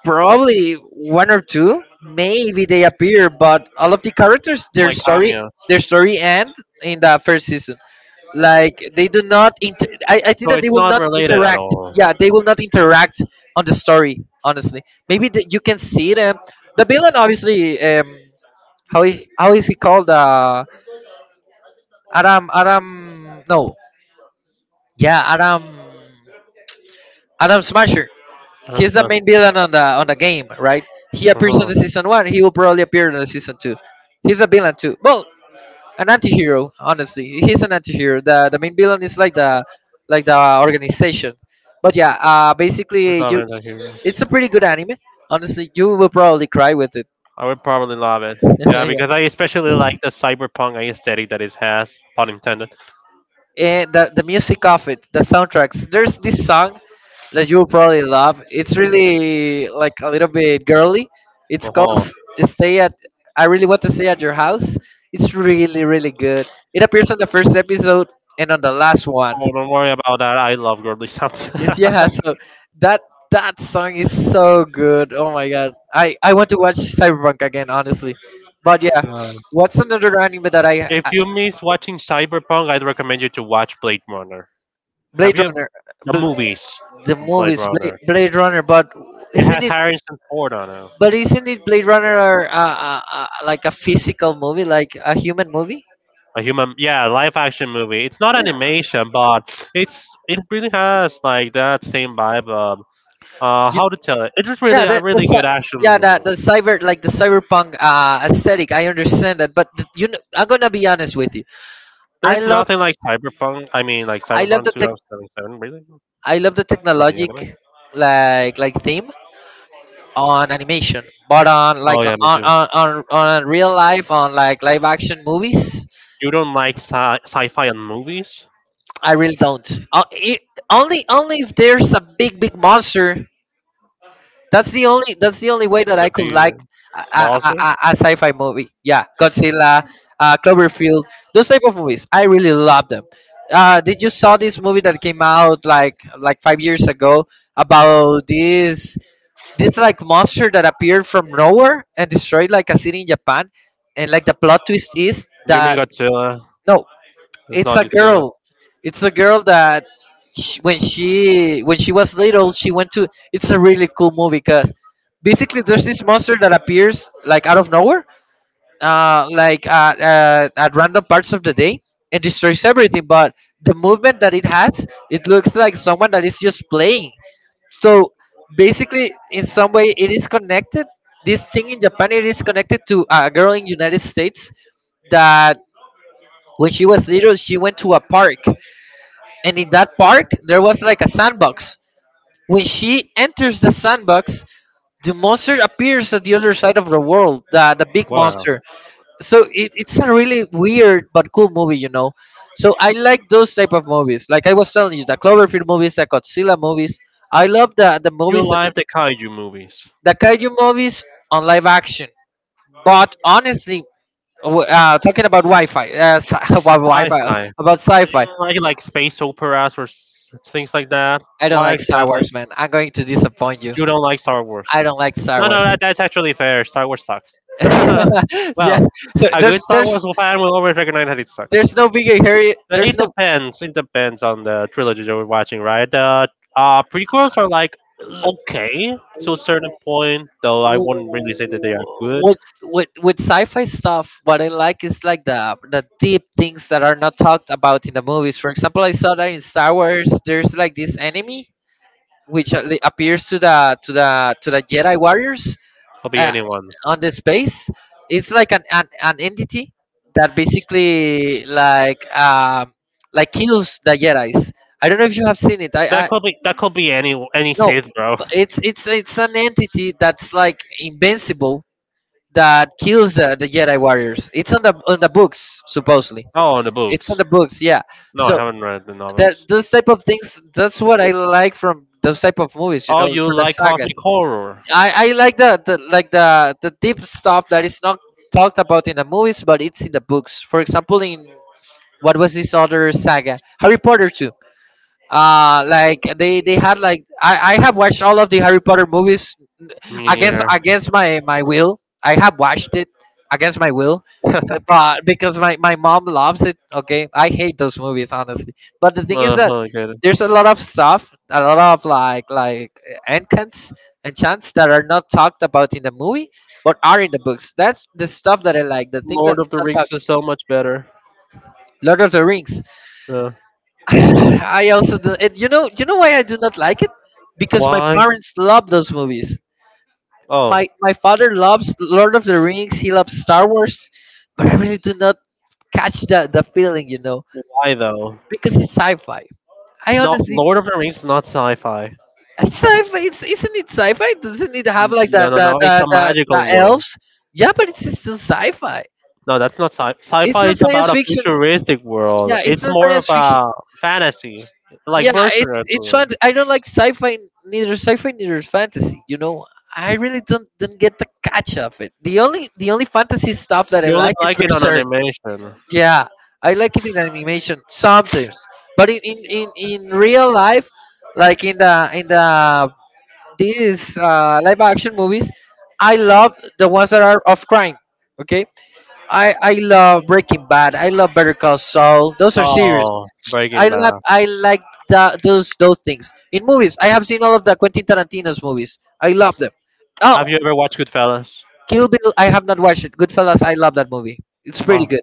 A: probably one or two, maybe they appear, but all of the characters, their
B: Like
A: story —
B: cameo,
A: their story end in the first season. Like, they do not — I think
B: so
A: that they
B: it's
A: will
B: not
A: not
B: related at
A: interact.
B: all.
A: Yeah, they will not interact on the story. Honestly, maybe that you can see them. The villain, obviously, how is he called? Adam Adam. No, yeah, Adam Smasher.
B: Adam
A: He's the
B: Slash.
A: main villain on the game, right? He appears on
B: Uh-huh.
A: the season one. He will probably appear in the season two. He's a villain too. Well, an anti-hero, honestly. He's an anti-hero. The main villain is like the — like the organization. But yeah,
B: We
A: basically,
B: love
A: you — it's
B: anti-heroes.
A: a pretty good anime. Honestly, you will probably cry with it.
B: I would probably love it. Yeah,
A: Yeah.
B: because I especially like the cyberpunk aesthetic that it has, pun intended.
A: And the music of it, the soundtracks. There's this song that you'll probably love. It's really like a little bit girly. It's called
B: Oh,
A: Stay at. I really want to stay at your house. It's really really good. It appears on the first episode and on the last one.
B: oh don't worry about that. I love girly sounds.
A: Yes, yeah. So that — that song is so good. Oh my god. I want to watch Cyberpunk again, honestly. But yeah,
B: Uh,
A: what's another anime that
B: if
A: I
B: you miss watching cyberpunk, I'd recommend you to watch Blade Runner. Have
A: Blade
B: you
A: Runner,
B: the
A: Bl-
B: movies?
A: the
B: Blade
A: movies, Blade —
B: Runner.
A: Blade Runner. But
B: It
A: isn't
B: has
A: it —
B: Harrison Ford on it.
A: but isn't it Blade Runner or, like a physical movie, like a human movie?
B: A human, yeah, live action movie. It's not
A: Yeah,
B: animation, but it's it really has like that same vibe. How to tell it? It's just really
A: yeah,
B: a really good action
A: yeah,
B: movie.
A: the cyber, like the cyberpunk aesthetic. I understand that, but you know, I'm gonna be honest with you. I
B: There's
A: love
B: nothing like Cyberpunk. I mean, like
A: I love
B: Cyberpunk
A: the tech —
B: 2077. Really?
A: I love the
B: Or the
A: technologic
B: anime?
A: like, theme on animation, but on
B: Oh
A: like on
B: yeah, me too.
A: on real life, on like live action movies,
B: You don't like sci- sci-fi and movies?
A: I really don't. It, only — only if there's a big monster. That's the only way that
B: The
A: I could
B: big
A: like a,
B: boss?
A: a sci-fi movie. Yeah, Godzilla, Cloverfield, those type of movies. I really love them. Did you saw this movie that came out like 5 years ago about this — this like monster that appeared from nowhere and destroyed like a city in Japan? And like the plot twist is
B: You mean
A: that —
B: Godzilla?
A: no,
B: It's
A: it's
B: not
A: a
B: Godzilla.
A: girl. It's a girl that — sh when she — when she was little, she went to — it's a really cool movie because basically there's this monster that appears like out of nowhere, like at — at random parts of the day, and destroys everything. But the movement that it has, it looks like someone that is just playing. So basically, in some way, it is connected. This thing in Japan, it is connected to a girl in United States that — when she was little, she went to a park, and in that park there was like a sandbox. When she enters the sandbox, the monster appears at the other side of the world, the — the big
B: Wow.
A: monster. So it, it's a really weird but cool movie, you know. So I like those type of movies. Like I was telling you, the Cloverfield movies, the Godzilla movies. I love the movies
B: You
A: that
B: like the kaiju movies,
A: the kaiju movies on live action. But honestly, talking about Wi-Fi, s- about Wi-Fi,
B: sci-fi,
A: about sci-fi,
B: like space operas or s- things like that.
A: I don't
B: Why
A: like Star
B: exactly?
A: Wars, man. I'm going to disappoint you.
B: You don't like Star Wars?
A: I don't like Star
B: No, no,
A: Wars.
B: that, that's actually fair. Star Wars sucks.
A: Yeah,
B: well,
A: so
B: a good
A: there's
B: Star
A: there's
B: Wars fan will always recognize that it sucks.
A: there's no big hurry. There's
B: It
A: no
B: depends. It depends on the trilogy that we're watching, right? The prequels are like okay to a certain point, though I wouldn't really say that they are good.
A: with sci-fi stuff. What I like is like the deep things that are not talked about in the movies. For example, I saw that in Star Wars, there's like this enemy which appears to the Jedi warriors,
B: Could be
A: uh,
B: anyone.
A: on the space. It's like an entity that basically like kills the jedis. I don't know if you have seen it. I
B: That could be any
A: no,
B: Sith, bro.
A: but it's it's an entity that's like invincible that kills the jedi warriors. It's on the books supposedly.
B: Oh, the
A: It's on
B: books.
A: the books, yeah.
B: No, I
A: So
B: haven't read the
A: that
B: novels.
A: those type of things, that's what I like from those type of movies, you
B: Oh,
A: know,
B: you
A: from the
B: like
A: sagas.
B: cosmic horror?
A: I like the like the deep stuff that is not talked about in the movies, but it's in the books. For example, in what was this other saga, Harry Potter two. Like they had like I have watched all of the Harry Potter movies
B: Me
A: against
B: neither.
A: against my will. I have watched it against my will, but because my mom loves it. Okay, I hate those movies, honestly, but the thing is that
B: I get it.
A: there's a lot of stuff, a lot of like enchants, enchants that are not talked about in the movie, but are in the books. That's the stuff that I like, the thing
B: Lord
A: that's
B: of the
A: not
B: Rings
A: talked.
B: is so much better.
A: Lord of the Rings.
B: Yeah.
A: I also do it, you know. You know why I do not like it? Because my
B: Why?
A: parents love those movies.
B: Oh,
A: My father loves Lord of the Rings, he loves Star Wars, but I really do not catch the feeling, you know.
B: why though?
A: Because it's sci-fi. I
B: No,
A: honestly,
B: Lord of the Rings is not sci-fi.
A: it's sci-fi. It's, isn't it sci-fi? Doesn't it have
B: N-
A: like
B: No,
A: the
B: no,
A: the,
B: no. It's a
A: the, the
B: magical
A: the
B: world.
A: elves? Yeah, but it's still sci-fi.
B: No, that's not sci.
A: It's
B: Sci-fi
A: not
B: is
A: science
B: about a
A: fiction.
B: futuristic world.
A: Yeah, it's
B: It's
A: not
B: more of
A: science fiction.
B: a fantasy,
A: Yeah,
B: like
A: it's
B: Berserk.
A: it's fun. I don't like sci-fi, neither sci-fi neither fantasy. You know, I really don't get the catch of it. The only fantasy stuff that I
B: You only
A: like is
B: like it on
A: Berserk.
B: animation.
A: Yeah, I like it in animation sometimes, but in real life, like in the these live action movies, I love the ones that are of crime. Okay, I love Breaking Bad. I love Better Call Saul. Those are serious.
B: Oh, Breaking
A: I love
B: Bad.
A: I like that those things in movies. I have seen all of the Quentin Tarantino's movies. I love them. Oh,
B: Have you ever watched Goodfellas?
A: Kill Bill. I have not watched it. Goodfellas. I love that movie. It's pretty
B: Oh,
A: good.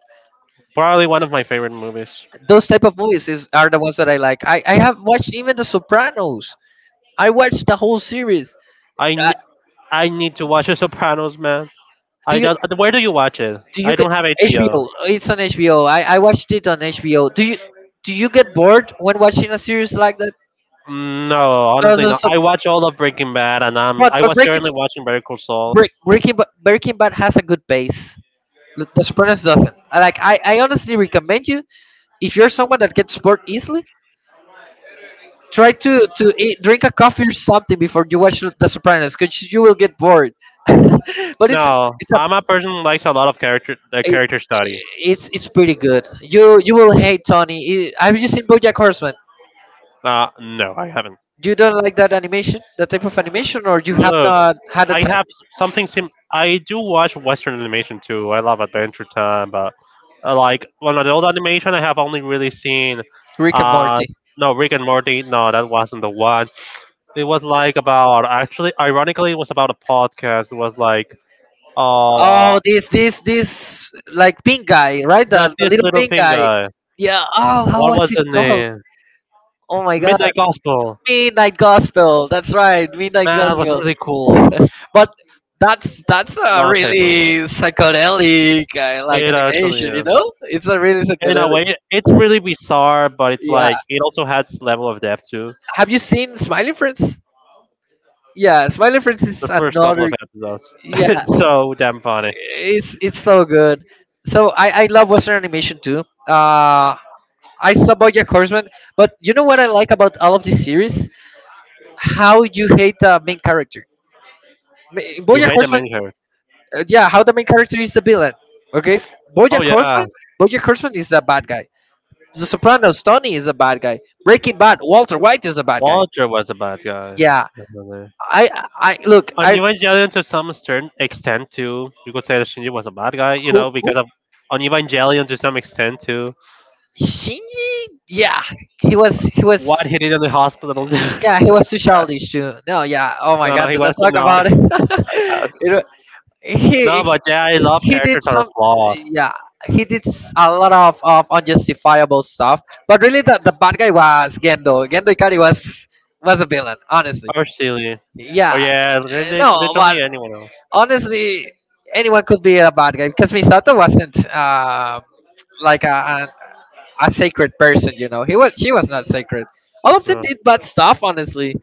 B: probably one of my favorite movies.
A: Those type of movies is are the ones that I like. I have watched even The Sopranos. I watched the whole series.
B: I,
A: Uh,
B: n- I need to watch The Sopranos, man.
A: do
B: I
A: you
B: don't. Where do you watch it?
A: Do
B: I
A: you get
B: don't have HBO.
A: HBO? It's on HBO. I watched it on HBO. Do you get bored when watching a series like that?
B: No,
A: 'Cause
B: honestly,
A: of
B: no.
A: some-
B: I watch all of Breaking Bad, and I'm I
A: but
B: was
A: Breaking
B: currently watching Better Call Saul.
A: Break, Breaking Ba- Breaking Bad has a good pace. The Sopranos doesn't. I honestly recommend you, if you're someone that gets bored easily, try to eat, drink a coffee or something before you watch The Sopranos, because you will get bored. But
B: No,
A: it's a
B: I'm a person who likes a lot of character
A: it,
B: character study.
A: it's pretty good. You will hate Tony. Have you seen BoJack Horseman?
B: No, I haven't.
A: You don't like that animation, that type of animation, or you have
B: Look,
A: not had a
B: I
A: time?
B: have something sim. I do watch Western animation too. I love Adventure Time, but like on adult animation, I have only really seen,
A: Rick and
B: uh,
A: Morty.
B: no Rick and Morty. No, that wasn't the one. It was like about actually, ironically, it was about a podcast. It was like, uh,
A: Oh, this, like pink guy, right?
B: that
A: The
B: this
A: little
B: little
A: pink
B: thing
A: guy.
B: guy.
A: Yeah. Oh, how
B: What
A: was
B: was
A: it
B: the
A: called?
B: name?
A: Oh my God.
B: Midnight Gospel.
A: Midnight Gospel. That's right, Midnight
B: Man, that was
A: Gospel.
B: really cool.
A: But that's a
B: Not a favorite one.
A: really psychedelic like
B: It actually,
A: animation, you
B: yeah.
A: know? It's a really
B: In a
A: psychedelic.
B: way, it's really bizarre, but it's
A: Yeah.
B: like it also has its level of depth too.
A: Have you seen Smiling Friends? Yeah, Smiling Friends is
B: The first couple
A: another.
B: of episodes,
A: Yeah,
B: it's so damn funny.
A: it's so good. So I love Western animation too. Uh, I saw BoJack Horseman, but you know what I like about all of this series? How you hate the main character. Ma-
B: You
A: BoJack
B: hate the
A: Horseman,
B: main character.
A: yeah, how the main character is the villain. Okay,
B: Oh
A: BoJack
B: yeah,
A: Horseman, BoJack Horseman is the bad guy. The Sopranos, Tony is a bad guy. Breaking Bad, Walter White is a bad guy.
B: Walter was a bad guy.
A: Yeah,
B: Definitely.
A: I I look
B: On
A: I
B: Evangelion, to some certain extent too, you could say that Shinji was a bad guy. You know,
A: who
B: because of on Evangelion to some extent too.
A: Shinji? Yeah, he
B: What
A: was.
B: he did in the hospital. dude.
A: Yeah, he was too childish too. No, yeah. Oh my
B: No,
A: God,
B: no, he
A: did I
B: was a
A: talk about
B: naughty
A: it?
B: guy.
A: You know, he
B: No,
A: he
B: but yeah, I love
A: he did
B: characters that are
A: some.
B: flawed
A: Yeah, he did a lot of unjustifiable stuff. But really, the bad guy was Gendo. Gendo Ikari was a villain, honestly.
B: or silly. Or
A: Yeah,
B: yeah, literally,
A: no,
B: literally
A: but
B: anyone else.
A: honestly, anyone could be a bad guy because Misato wasn't like a sacred person. You know, he was she was not sacred. All of them
B: Yeah.
A: did bad stuff, honestly.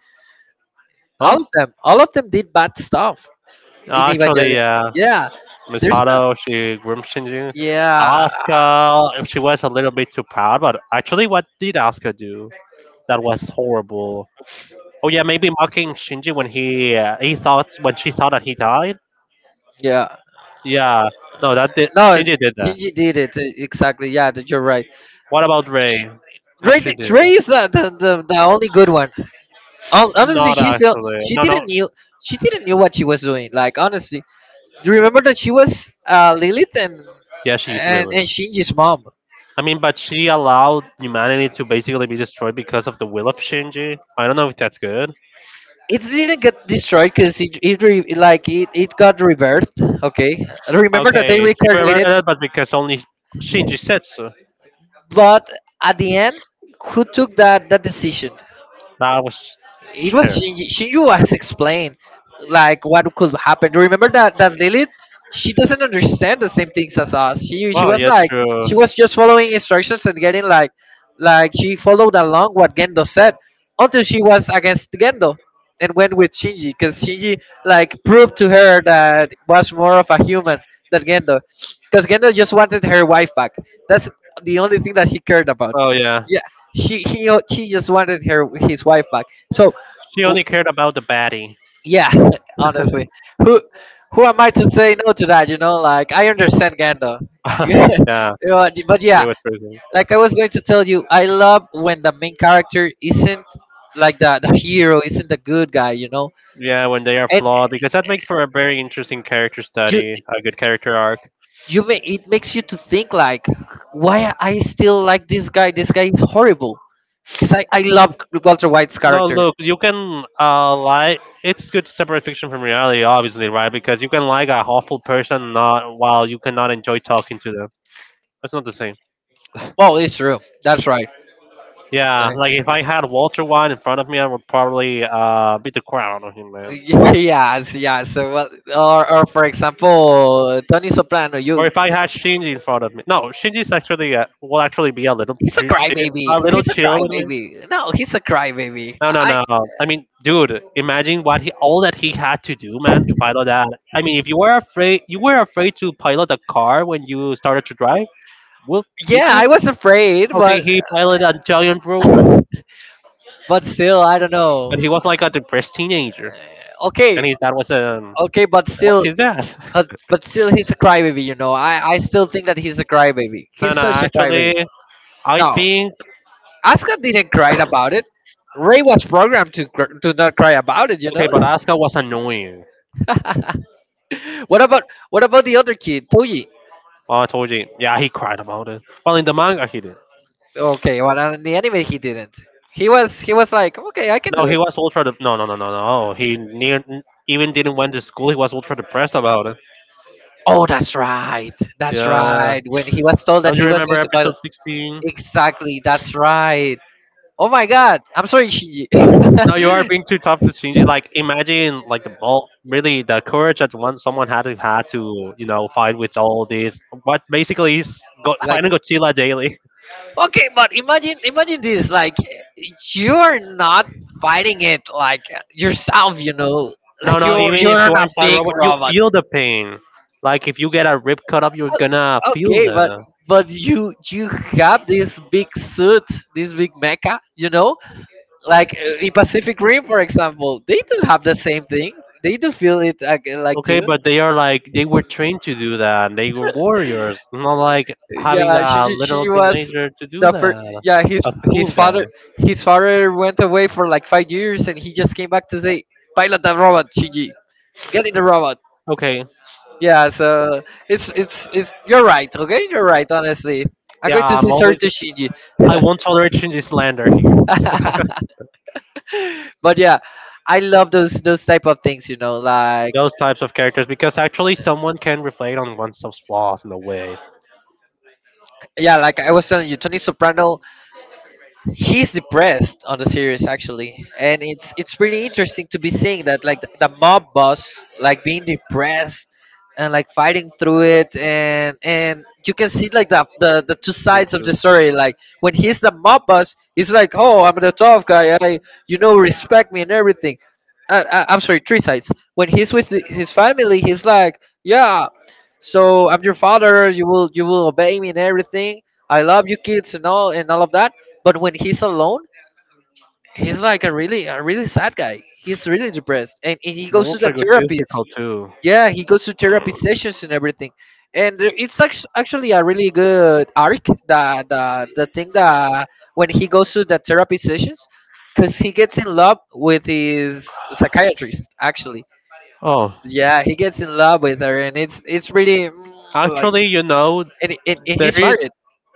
B: Huh?
A: All of them did bad stuff in
B: Actually,
A: Evangelion,
B: yeah.
A: yeah. There's no,
B: Misato, she groomed Shinji.
A: yeah,
B: Asuka, she was a little bit too proud, but actually, what did Asuka do? That was horrible. Oh yeah, maybe mocking Shinji when he thought when she thought that he died.
A: yeah,
B: Yeah, no, that did
A: no,
B: Shinji did that.
A: Shinji did it. Exactly, yeah, that you're right.
B: What about Ray? What
A: Ray,
B: she do?
A: Ray is the only good one. Honestly,
B: Not
A: she still
B: actually. No, no.
A: she didn't knew what she was doing, like, honestly. Do you remember that she was Lilith
B: Yeah, she is Lily.
A: and Shinji's mom.
B: I mean, but she allowed humanity to basically be destroyed because of the will of Shinji. I don't know if that's good.
A: It didn't get destroyed because it re, like it got rebirthed, okay. Remember that they
B: Okay, she
A: reincarnated.
B: reverted it, but because only Shinji said so.
A: But at the end, who took that decision?
B: That was
A: It was
B: her.
A: Shinji. Shinji was explained like what could happen. Do you remember that Lilith? She doesn't understand the same things as us. She
B: Oh,
A: was
B: yes,
A: like
B: true.
A: she was just following instructions and getting like she followed along what Gendo said until she was against Gendo and went with Shinji because Shinji like proved to her that was more of a human than Gendo, because Gendo just wanted her wife back. That's the only thing that he cared about.
B: Oh yeah,
A: Yeah, she just wanted her his wife back. So
B: she
A: w-
B: only cared about the baddie.
A: yeah, honestly, who who am I to say no to that? You know, like I understand Gandalf.
B: yeah,
A: You know, but
B: she
A: yeah,
B: was pretty.
A: like I was going to tell you, I love when the main character isn't like the hero, isn't the good guy. You know,
B: Yeah, when they are
A: and
B: flawed, because that makes for a very interesting character
A: you
B: study, a good character arc.
A: you may, it makes you to think like, why I still like this guy? This guy is horrible. Because I love Walter White's
B: No,
A: character.
B: look, you can lie. It's good to separate fiction from reality, obviously, right? Because you can like a awful person, not while you cannot enjoy talking to them. That's not the same.
A: Oh, it's true. That's right.
B: Yeah, like if I had Walter White in front of me, I would probably beat the crap out of him, man.
A: Yes, yes. So what? Or for example, Tony Soprano.
B: Or
A: You,
B: if I had Shinji in front of me. No, Shinji's actually will actually be a little
A: he's a
B: chill, a
A: crybaby.
B: little
A: He's a
B: chill with me.
A: crybaby. No, he's a crybaby.
B: No, no, no. I mean, dude, imagine what he all that he had to do, man, to pilot that. I mean, if you were afraid, you were afraid to pilot a car when you started to drive. Well,
A: Yeah,
B: did you?
A: I was afraid,
B: Okay, he piloted a giant robot,
A: but still, I don't know.
B: and he was like a depressed teenager,
A: Uh, Okay,
B: and his dad was
A: okay, but
B: what's
A: still,
B: his dad?
A: but still, he's a crybaby. You know, I still think that he's a crybaby. He's
B: and
A: such a crybaby.
B: actually, I
A: No,
B: think
A: Asuka didn't cry about it. Ray was programmed to to not cry about it. You
B: okay,
A: know.
B: but Asuka was annoying.
A: what about what about the other kid, Toji?
B: Oh, I told you. Yeah, he cried about it. Well, in the manga, he did.
A: Okay, well, in the he didn't. He was like, okay, I can
B: No,
A: do
B: he
A: it.
B: was ultra. No, no, no, no, no. Oh, he near even didn't went to school. He was ultra depressed about it.
A: Oh, that's right, that's
B: Yeah.
A: right. When he was told that
B: Don't you
A: he was
B: remember
A: going to buy,
B: episode 16?
A: exactly, that's right. Oh my God, I'm sorry, Shinji.
B: No, you are being too tough to change it. Like, imagine like the ball. Really, the courage that one someone had to fight with all this. But basically, he's go,
A: Like,
B: fighting Godzilla daily.
A: okay, but imagine this. Like, you're not fighting it like yourself, you know.
B: No,
A: Like
B: no. Even if
A: you're
B: you are
A: not a
B: inside
A: big
B: robot, you
A: robot.
B: feel the pain. Like if you get a rib cut up, you're gonna feel
A: Okay,
B: that.
A: but you have this big suit, this big mecha, you know, like in Pacific Rim, for example, they do have the same thing. They do feel it like
B: Okay,
A: too.
B: but they are like they were trained to do that. They were warriors, not like having
A: Yeah,
B: a literal
A: she was
B: teenager to do
A: the first.
B: that.
A: Yeah,
B: A school
A: his
B: guy.
A: father his father went away for like 5 years, and he just came back to say, "Pilot the robot, Shinji, get in the robot."
B: Okay,
A: Yeah, so it's you're right. Okay, you're right. Honestly, I'm going
B: yeah,
A: to
B: I'm
A: say sorry
B: always.
A: to Shinji.
B: I won't tolerate Shinji slander here.
A: But yeah, I love those type of things. You know, like
B: Those types of characters because actually someone can reflect on oneself's flaws in a way.
A: yeah, like I was telling you, Tony Soprano he's depressed on the series actually, and it's pretty interesting to be seeing that, like the mob boss like being depressed and like fighting through it, and you can see like the two
B: Good
A: sides of the
B: too.
A: story, like when he's the mob boss he's like, oh, I'm the tough guy, I, you know, respect me and everything. I'm sorry, three sides. When he's with his family he's like, yeah, so I'm your father, you will obey me and everything, I love you kids and all of that. But when he's alone, he's like a really sad guy, he's really depressed, and he
B: An
A: goes to the
B: ultra
A: therapist.
B: egotistical too.
A: Yeah, he goes to therapy sessions and everything. And actually a really good arc, the thing that when he goes to the therapy sessions, because he gets in love with his psychiatrist actually.
B: Oh,
A: Yeah, he gets in love with her, and it's really like,
B: actually, you know,
A: and
B: there
A: he's
B: is
A: married.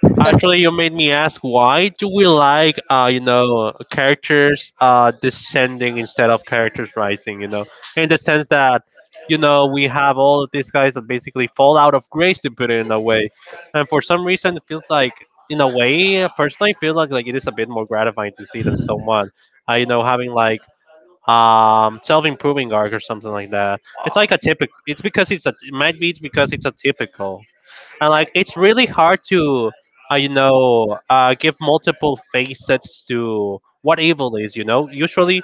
B: actually, you made me ask why do we like you know characters descending instead of characters rising? You know, in the sense that you know we have all of these guys that basically fall out of grace to put it in a way, and for some reason it feels like in a way personally I feel like it is a bit more gratifying to see than someone you know having like self-improving arc or something like that. It's like a typical. It's because it's a. It might be it's because it's a typical and like it's really hard to you know give multiple facets to what evil is you know usually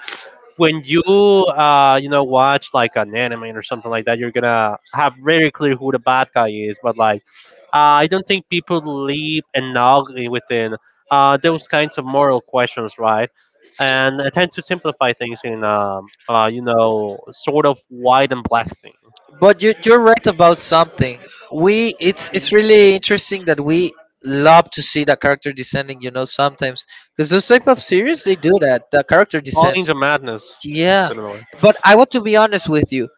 B: when you you know watch like an anime or something like that you're gonna have very clear who the bad guy is but like I don't think people leave enough within those kinds of moral questions right and I tend to simplify things in you know sort of white and black thing
A: But you're right about something. We It's really interesting that we love to see the character descending. You know, sometimes because those type of series, they do that. The character
B: falling
A: descends.
B: into madness.
A: Yeah, but I want to be honest with you.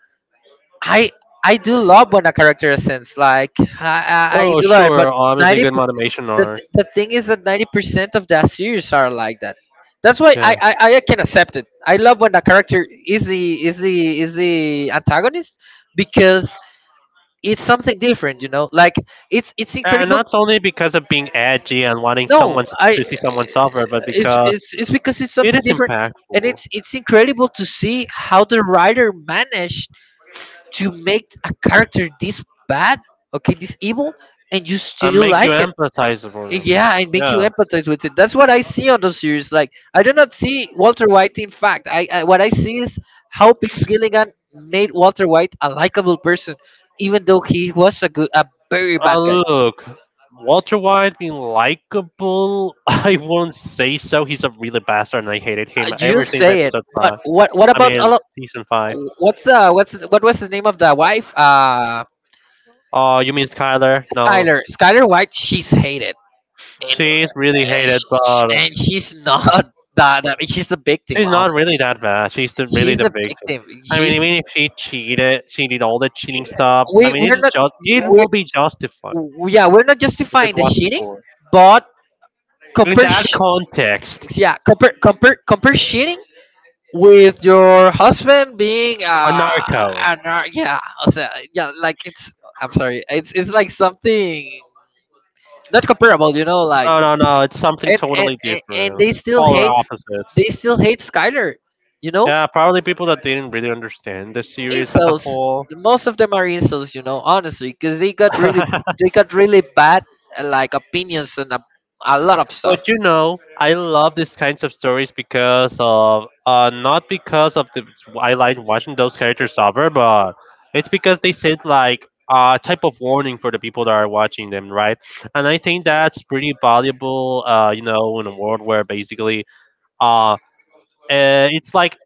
A: I I do love when a character ascends. Like I
B: Oh,
A: do love it. But
B: sure. Obviously,
A: ninety
B: good
A: per-
B: motivation
A: the
B: or
A: th- the thing is that 90% of that series are like that. That's why
B: yeah.
A: I can accept it. I love when a character is the is the is the antagonist, because it's something different, you know, like it's
B: And
A: incredible.
B: not only because of being edgy and wanting
A: No
B: someone
A: I
B: to see someone suffer, but
A: it's
B: because
A: it's it's because it's
B: it
A: something
B: is
A: different, and
B: impactful
A: it's incredible to see how the writer managed to make a character this bad, okay, this evil, and you still
B: and
A: like
B: make you
A: it.
B: empathize for them.
A: Yeah, and make you
B: Yeah.
A: empathize with it. That's what I see on the series. Like I do not see Walter White. In fact, I, what I see is how Vince Gilligan made Walter White a likable person, even though he was a very bad guy.
B: Look, Walter White being likable, I won't say so. He's a really bastard, and I hated him
A: You
B: ever since
A: say it,
B: episode
A: but
B: five.
A: what
B: I
A: about a
B: mean,
A: lot?
B: season five.
A: What's the what was the name of the wife?
B: Oh, you mean Skyler? No.
A: Skyler. Skyler White. She's hated, and
B: She's really hated, but
A: and she's not that she's a victim.
B: she's
A: Honestly,
B: not really that bad. She's the, really
A: she's
B: the
A: a
B: victim.
A: victim.
B: I mean,
A: She's
B: even if she cheated, she did all the cheating stuff. I
A: we
B: mean, it's
A: we're not
B: just it
A: we
B: will be justified
A: we- yeah, we're not
B: if it
A: justifying the
B: wasn't
A: cheating,
B: for
A: but
B: in
A: compare
B: that
A: sh-
B: context.
A: yeah, compare cheating with your husband being
B: A narco.
A: yeah, o sea, yeah, like it's, I'm sorry, it's like something not comparable, you know, like.
B: No, no,
A: s-
B: no. It's something totally
A: and
B: different.
A: they still
B: Polar
A: hate,
B: opposites.
A: they still hate Skyler, you know,
B: Yeah, probably people that didn't really understand the series as a
A: insults.
B: whole.
A: Most of them are insults, you know, honestly, because they got really, they got really bad, like opinions and a lot of
B: But
A: stuff.
B: you know, I love these kinds of stories because of not because of the I like watching those characters suffer, but it's because they send like a type of warning for the people that are watching them, right? And I think that's pretty valuable, you know, in a world where basically, uh, it's like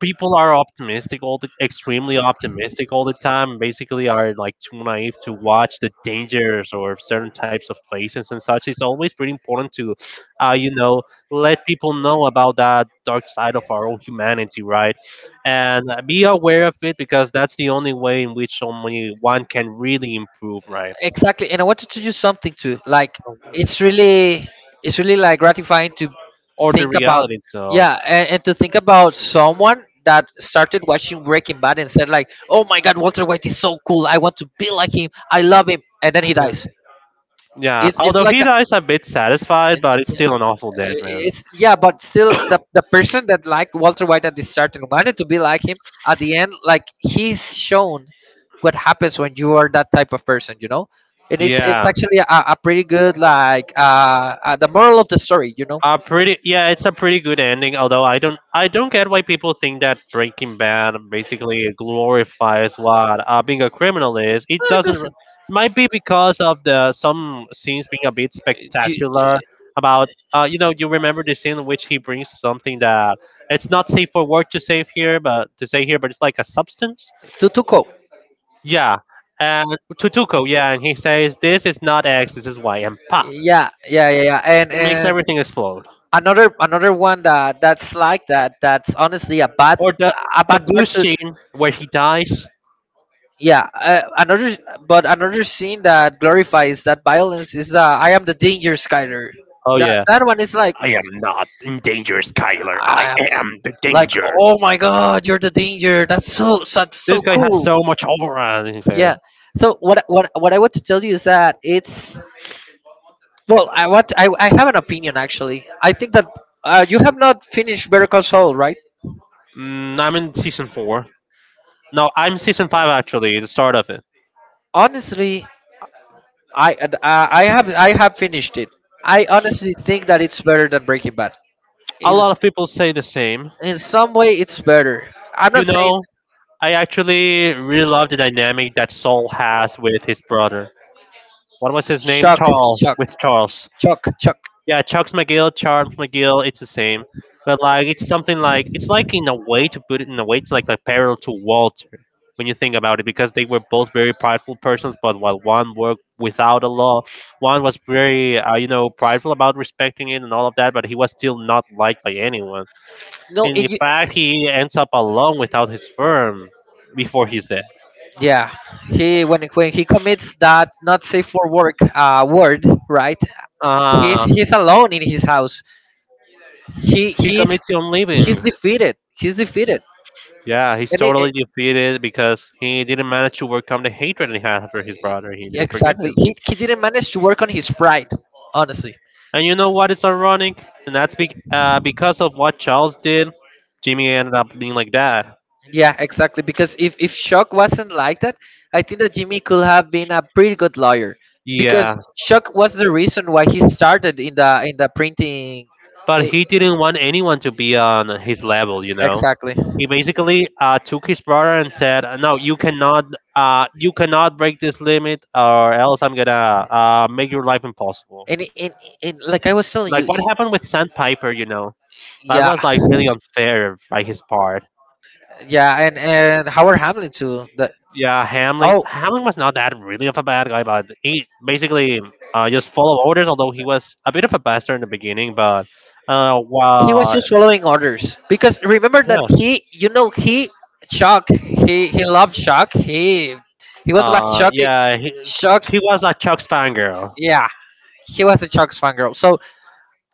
B: people are optimistic all the extremely optimistic all the time basically are like too naive to watch the dangers or certain types of places and such. It's always pretty important to you know let people know about that dark side of our own humanity right and be aware of it because that's the only way in which only one can really improve right
A: Exactly, and I wanted to do something too. Like it's really, it's really like gratifying to
B: or the
A: think about,
B: reality itself
A: yeah, and to think about someone that started watching Breaking Bad and said like, oh my God, Walter White is so cool, I want to be like him, I love him, and then he
B: yeah.
A: dies.
B: Yeah,
A: It's
B: although
A: like
B: he
A: a,
B: dies a bit satisfied but it's still an awful death, man.
A: it's Yeah, but still the person that liked Walter White at the start and wanted to be like him, at the end, like, he's shown what happens when you are that type of person, you know. And it's
B: Yeah.
A: actually a pretty good, like, the moral of the story, you know.
B: Pretty yeah, it's a pretty good ending. Although I don't get why people think that Breaking Bad basically glorifies what being a criminal is. It doesn't.
A: Listen,
B: Might be because of the some scenes being a bit
A: Ju-
B: spectacular.
A: ju-
B: About you know, you remember the scene in which he brings something that it's not safe for work to save here, but to say here, but it's like a substance.
A: Tutuko.
B: Yeah, and Tutuko. Yeah, and he says this is not X, this is Y, and pop,
A: Yeah, yeah, yeah, yeah.
B: it makes
A: And
B: everything explode.
A: Another one that that's like that. That's honestly a bad,
B: Or the
A: a bad part
B: goose
A: to.
B: scene where he dies.
A: Yeah, another, but another scene that glorifies that violence is, I am the danger, Skyler.
B: Oh
A: That
B: yeah.
A: that one is like,
B: I am not in danger, Skyler.
A: I
B: I
A: am the,
B: am the
A: like,
B: danger.
A: oh my God, you're the danger. That's so, that's
B: This
A: so
B: guy has
A: cool.
B: so much aura. He's
A: Yeah.
B: like,
A: So what I want to tell you is that it's, well, I what I have an opinion actually. I think that, you have not finished Better Call Saul, right?
B: mm, I'm in season four. No, I'm season five actually. The start of it.
A: Honestly, I have, I have finished it. I honestly think that it's better than Breaking Bad.
B: A
A: In
B: lot of people say the same.
A: in some way, it's better. I'm
B: You
A: not saying.
B: know, I actually really love the dynamic that Saul has with his brother. What was his name?
A: Chuck,
B: Charles.
A: Chuck,
B: With Charles.
A: Chuck.
B: Yeah, Chuck's McGill, Charles McGill, it's the same. But like it's something like it's like in a way to put it in a way it's like parallel to Walter when you think about it because they were both very prideful persons but while one worked without a law one was very you know prideful about respecting it and all of that but he was still not liked by anyone
A: No,
B: and
A: it,
B: in
A: you-
B: fact he ends up alone without his firm before he's dead.
A: Yeah, he, when he commits that not safe for work, word, right?
B: uh,
A: He's alone in his house. He
B: he
A: he's
B: commits on
A: he's
B: living.
A: defeated. He's defeated.
B: Yeah, he's
A: and it,
B: totally defeated because he didn't manage to overcome the hatred he had for his brother. He
A: Yeah,
B: didn't forgive
A: exactly.
B: him.
A: He didn't manage to work on his pride, honestly.
B: And you know what is ironic? And that's because of what Charles did, Jimmy ended up being like that.
A: Yeah, exactly. Because if Shock wasn't like that, I think that Jimmy could have been a pretty good lawyer. Because
B: Yeah,
A: Shock was the reason why he started in the printing.
B: but
A: eh,
B: he didn't want anyone to be on his level, you know?
A: Exactly.
B: He basically took his brother and said, "No, you cannot break this limit, or else I'm gonna make your life impossible."
A: And in, in, like I was telling you,
B: Like what happened with Sandpiper, you know? That
A: yeah,
B: was like really unfair by his part.
A: yeah, and Howard Hamlin too. The
B: Yeah,
A: Oh,
B: Hamlin was not that really of a bad guy, but he basically just followed orders. Although he was a bit of a bastard in the beginning, but
A: he was
B: well,
A: just following orders because remember that
B: yeah,
A: he you know he Chuck, he loved Chuck. He was like Chuck,
B: yeah,
A: Chuck.
B: he was a Chuck Spanger.
A: Yeah, he was a Shock's fangirl, so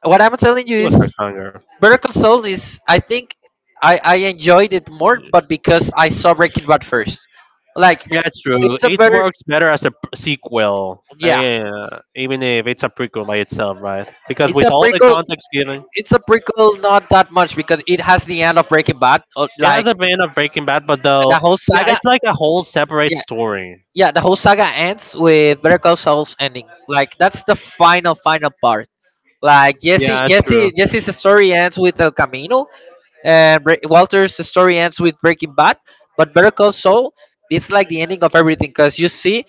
A: what I'm telling you
B: He was Chuck
A: is
B: Spanger.
A: Better Console is, I think I enjoyed it more, but because I saw Breaking Bad first, like.
B: Yeah, it's true.
A: It's a
B: It
A: better,
B: works better as a sequel,
A: yeah,
B: yeah, even if it's a prequel by itself, right? Because
A: it's
B: with
A: a
B: all the
A: prequel,
B: context given,
A: not that much because it has the end of Breaking Bad, or
B: it
A: like
B: has a vein of Breaking Bad, but
A: the
B: though,
A: whole
B: yeah,
A: saga.
B: it's like a whole separate story.
A: Yeah, the whole saga ends with Better Call Saul's ending. Like that's the final final part. Like
B: Yeah, it's true.
A: Jesse's story ends with El Camino, and Walter's story ends with Breaking Bad. But Better Call Saul, it's like the ending of everything, because you see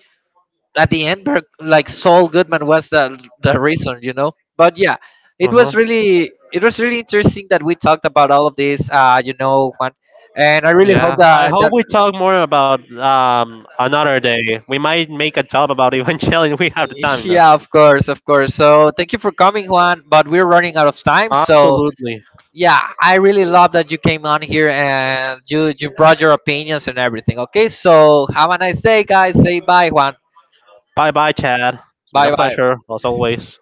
A: at the end, like Saul Goodman was the reason, you know. But yeah,
B: Uh
A: it
B: huh.
A: was really, it was really interesting that we talked about all of this. You know, Juan, and I really hope
B: Yeah, I
A: that
B: hope
A: that.
B: we talk more about another day. We might make a job about Evangelion. If we have the time though.
A: Yeah, of course, of course. So thank you for coming, Juan. But we're running out of time. So
B: Absolutely.
A: yeah, I really love that you came on here, and you brought your opinions and everything. Okay, so have a nice day, guys. Say bye, Juan.
B: Bye bye, Chad. It's been a
A: Bye, bye.
B: pleasure as always.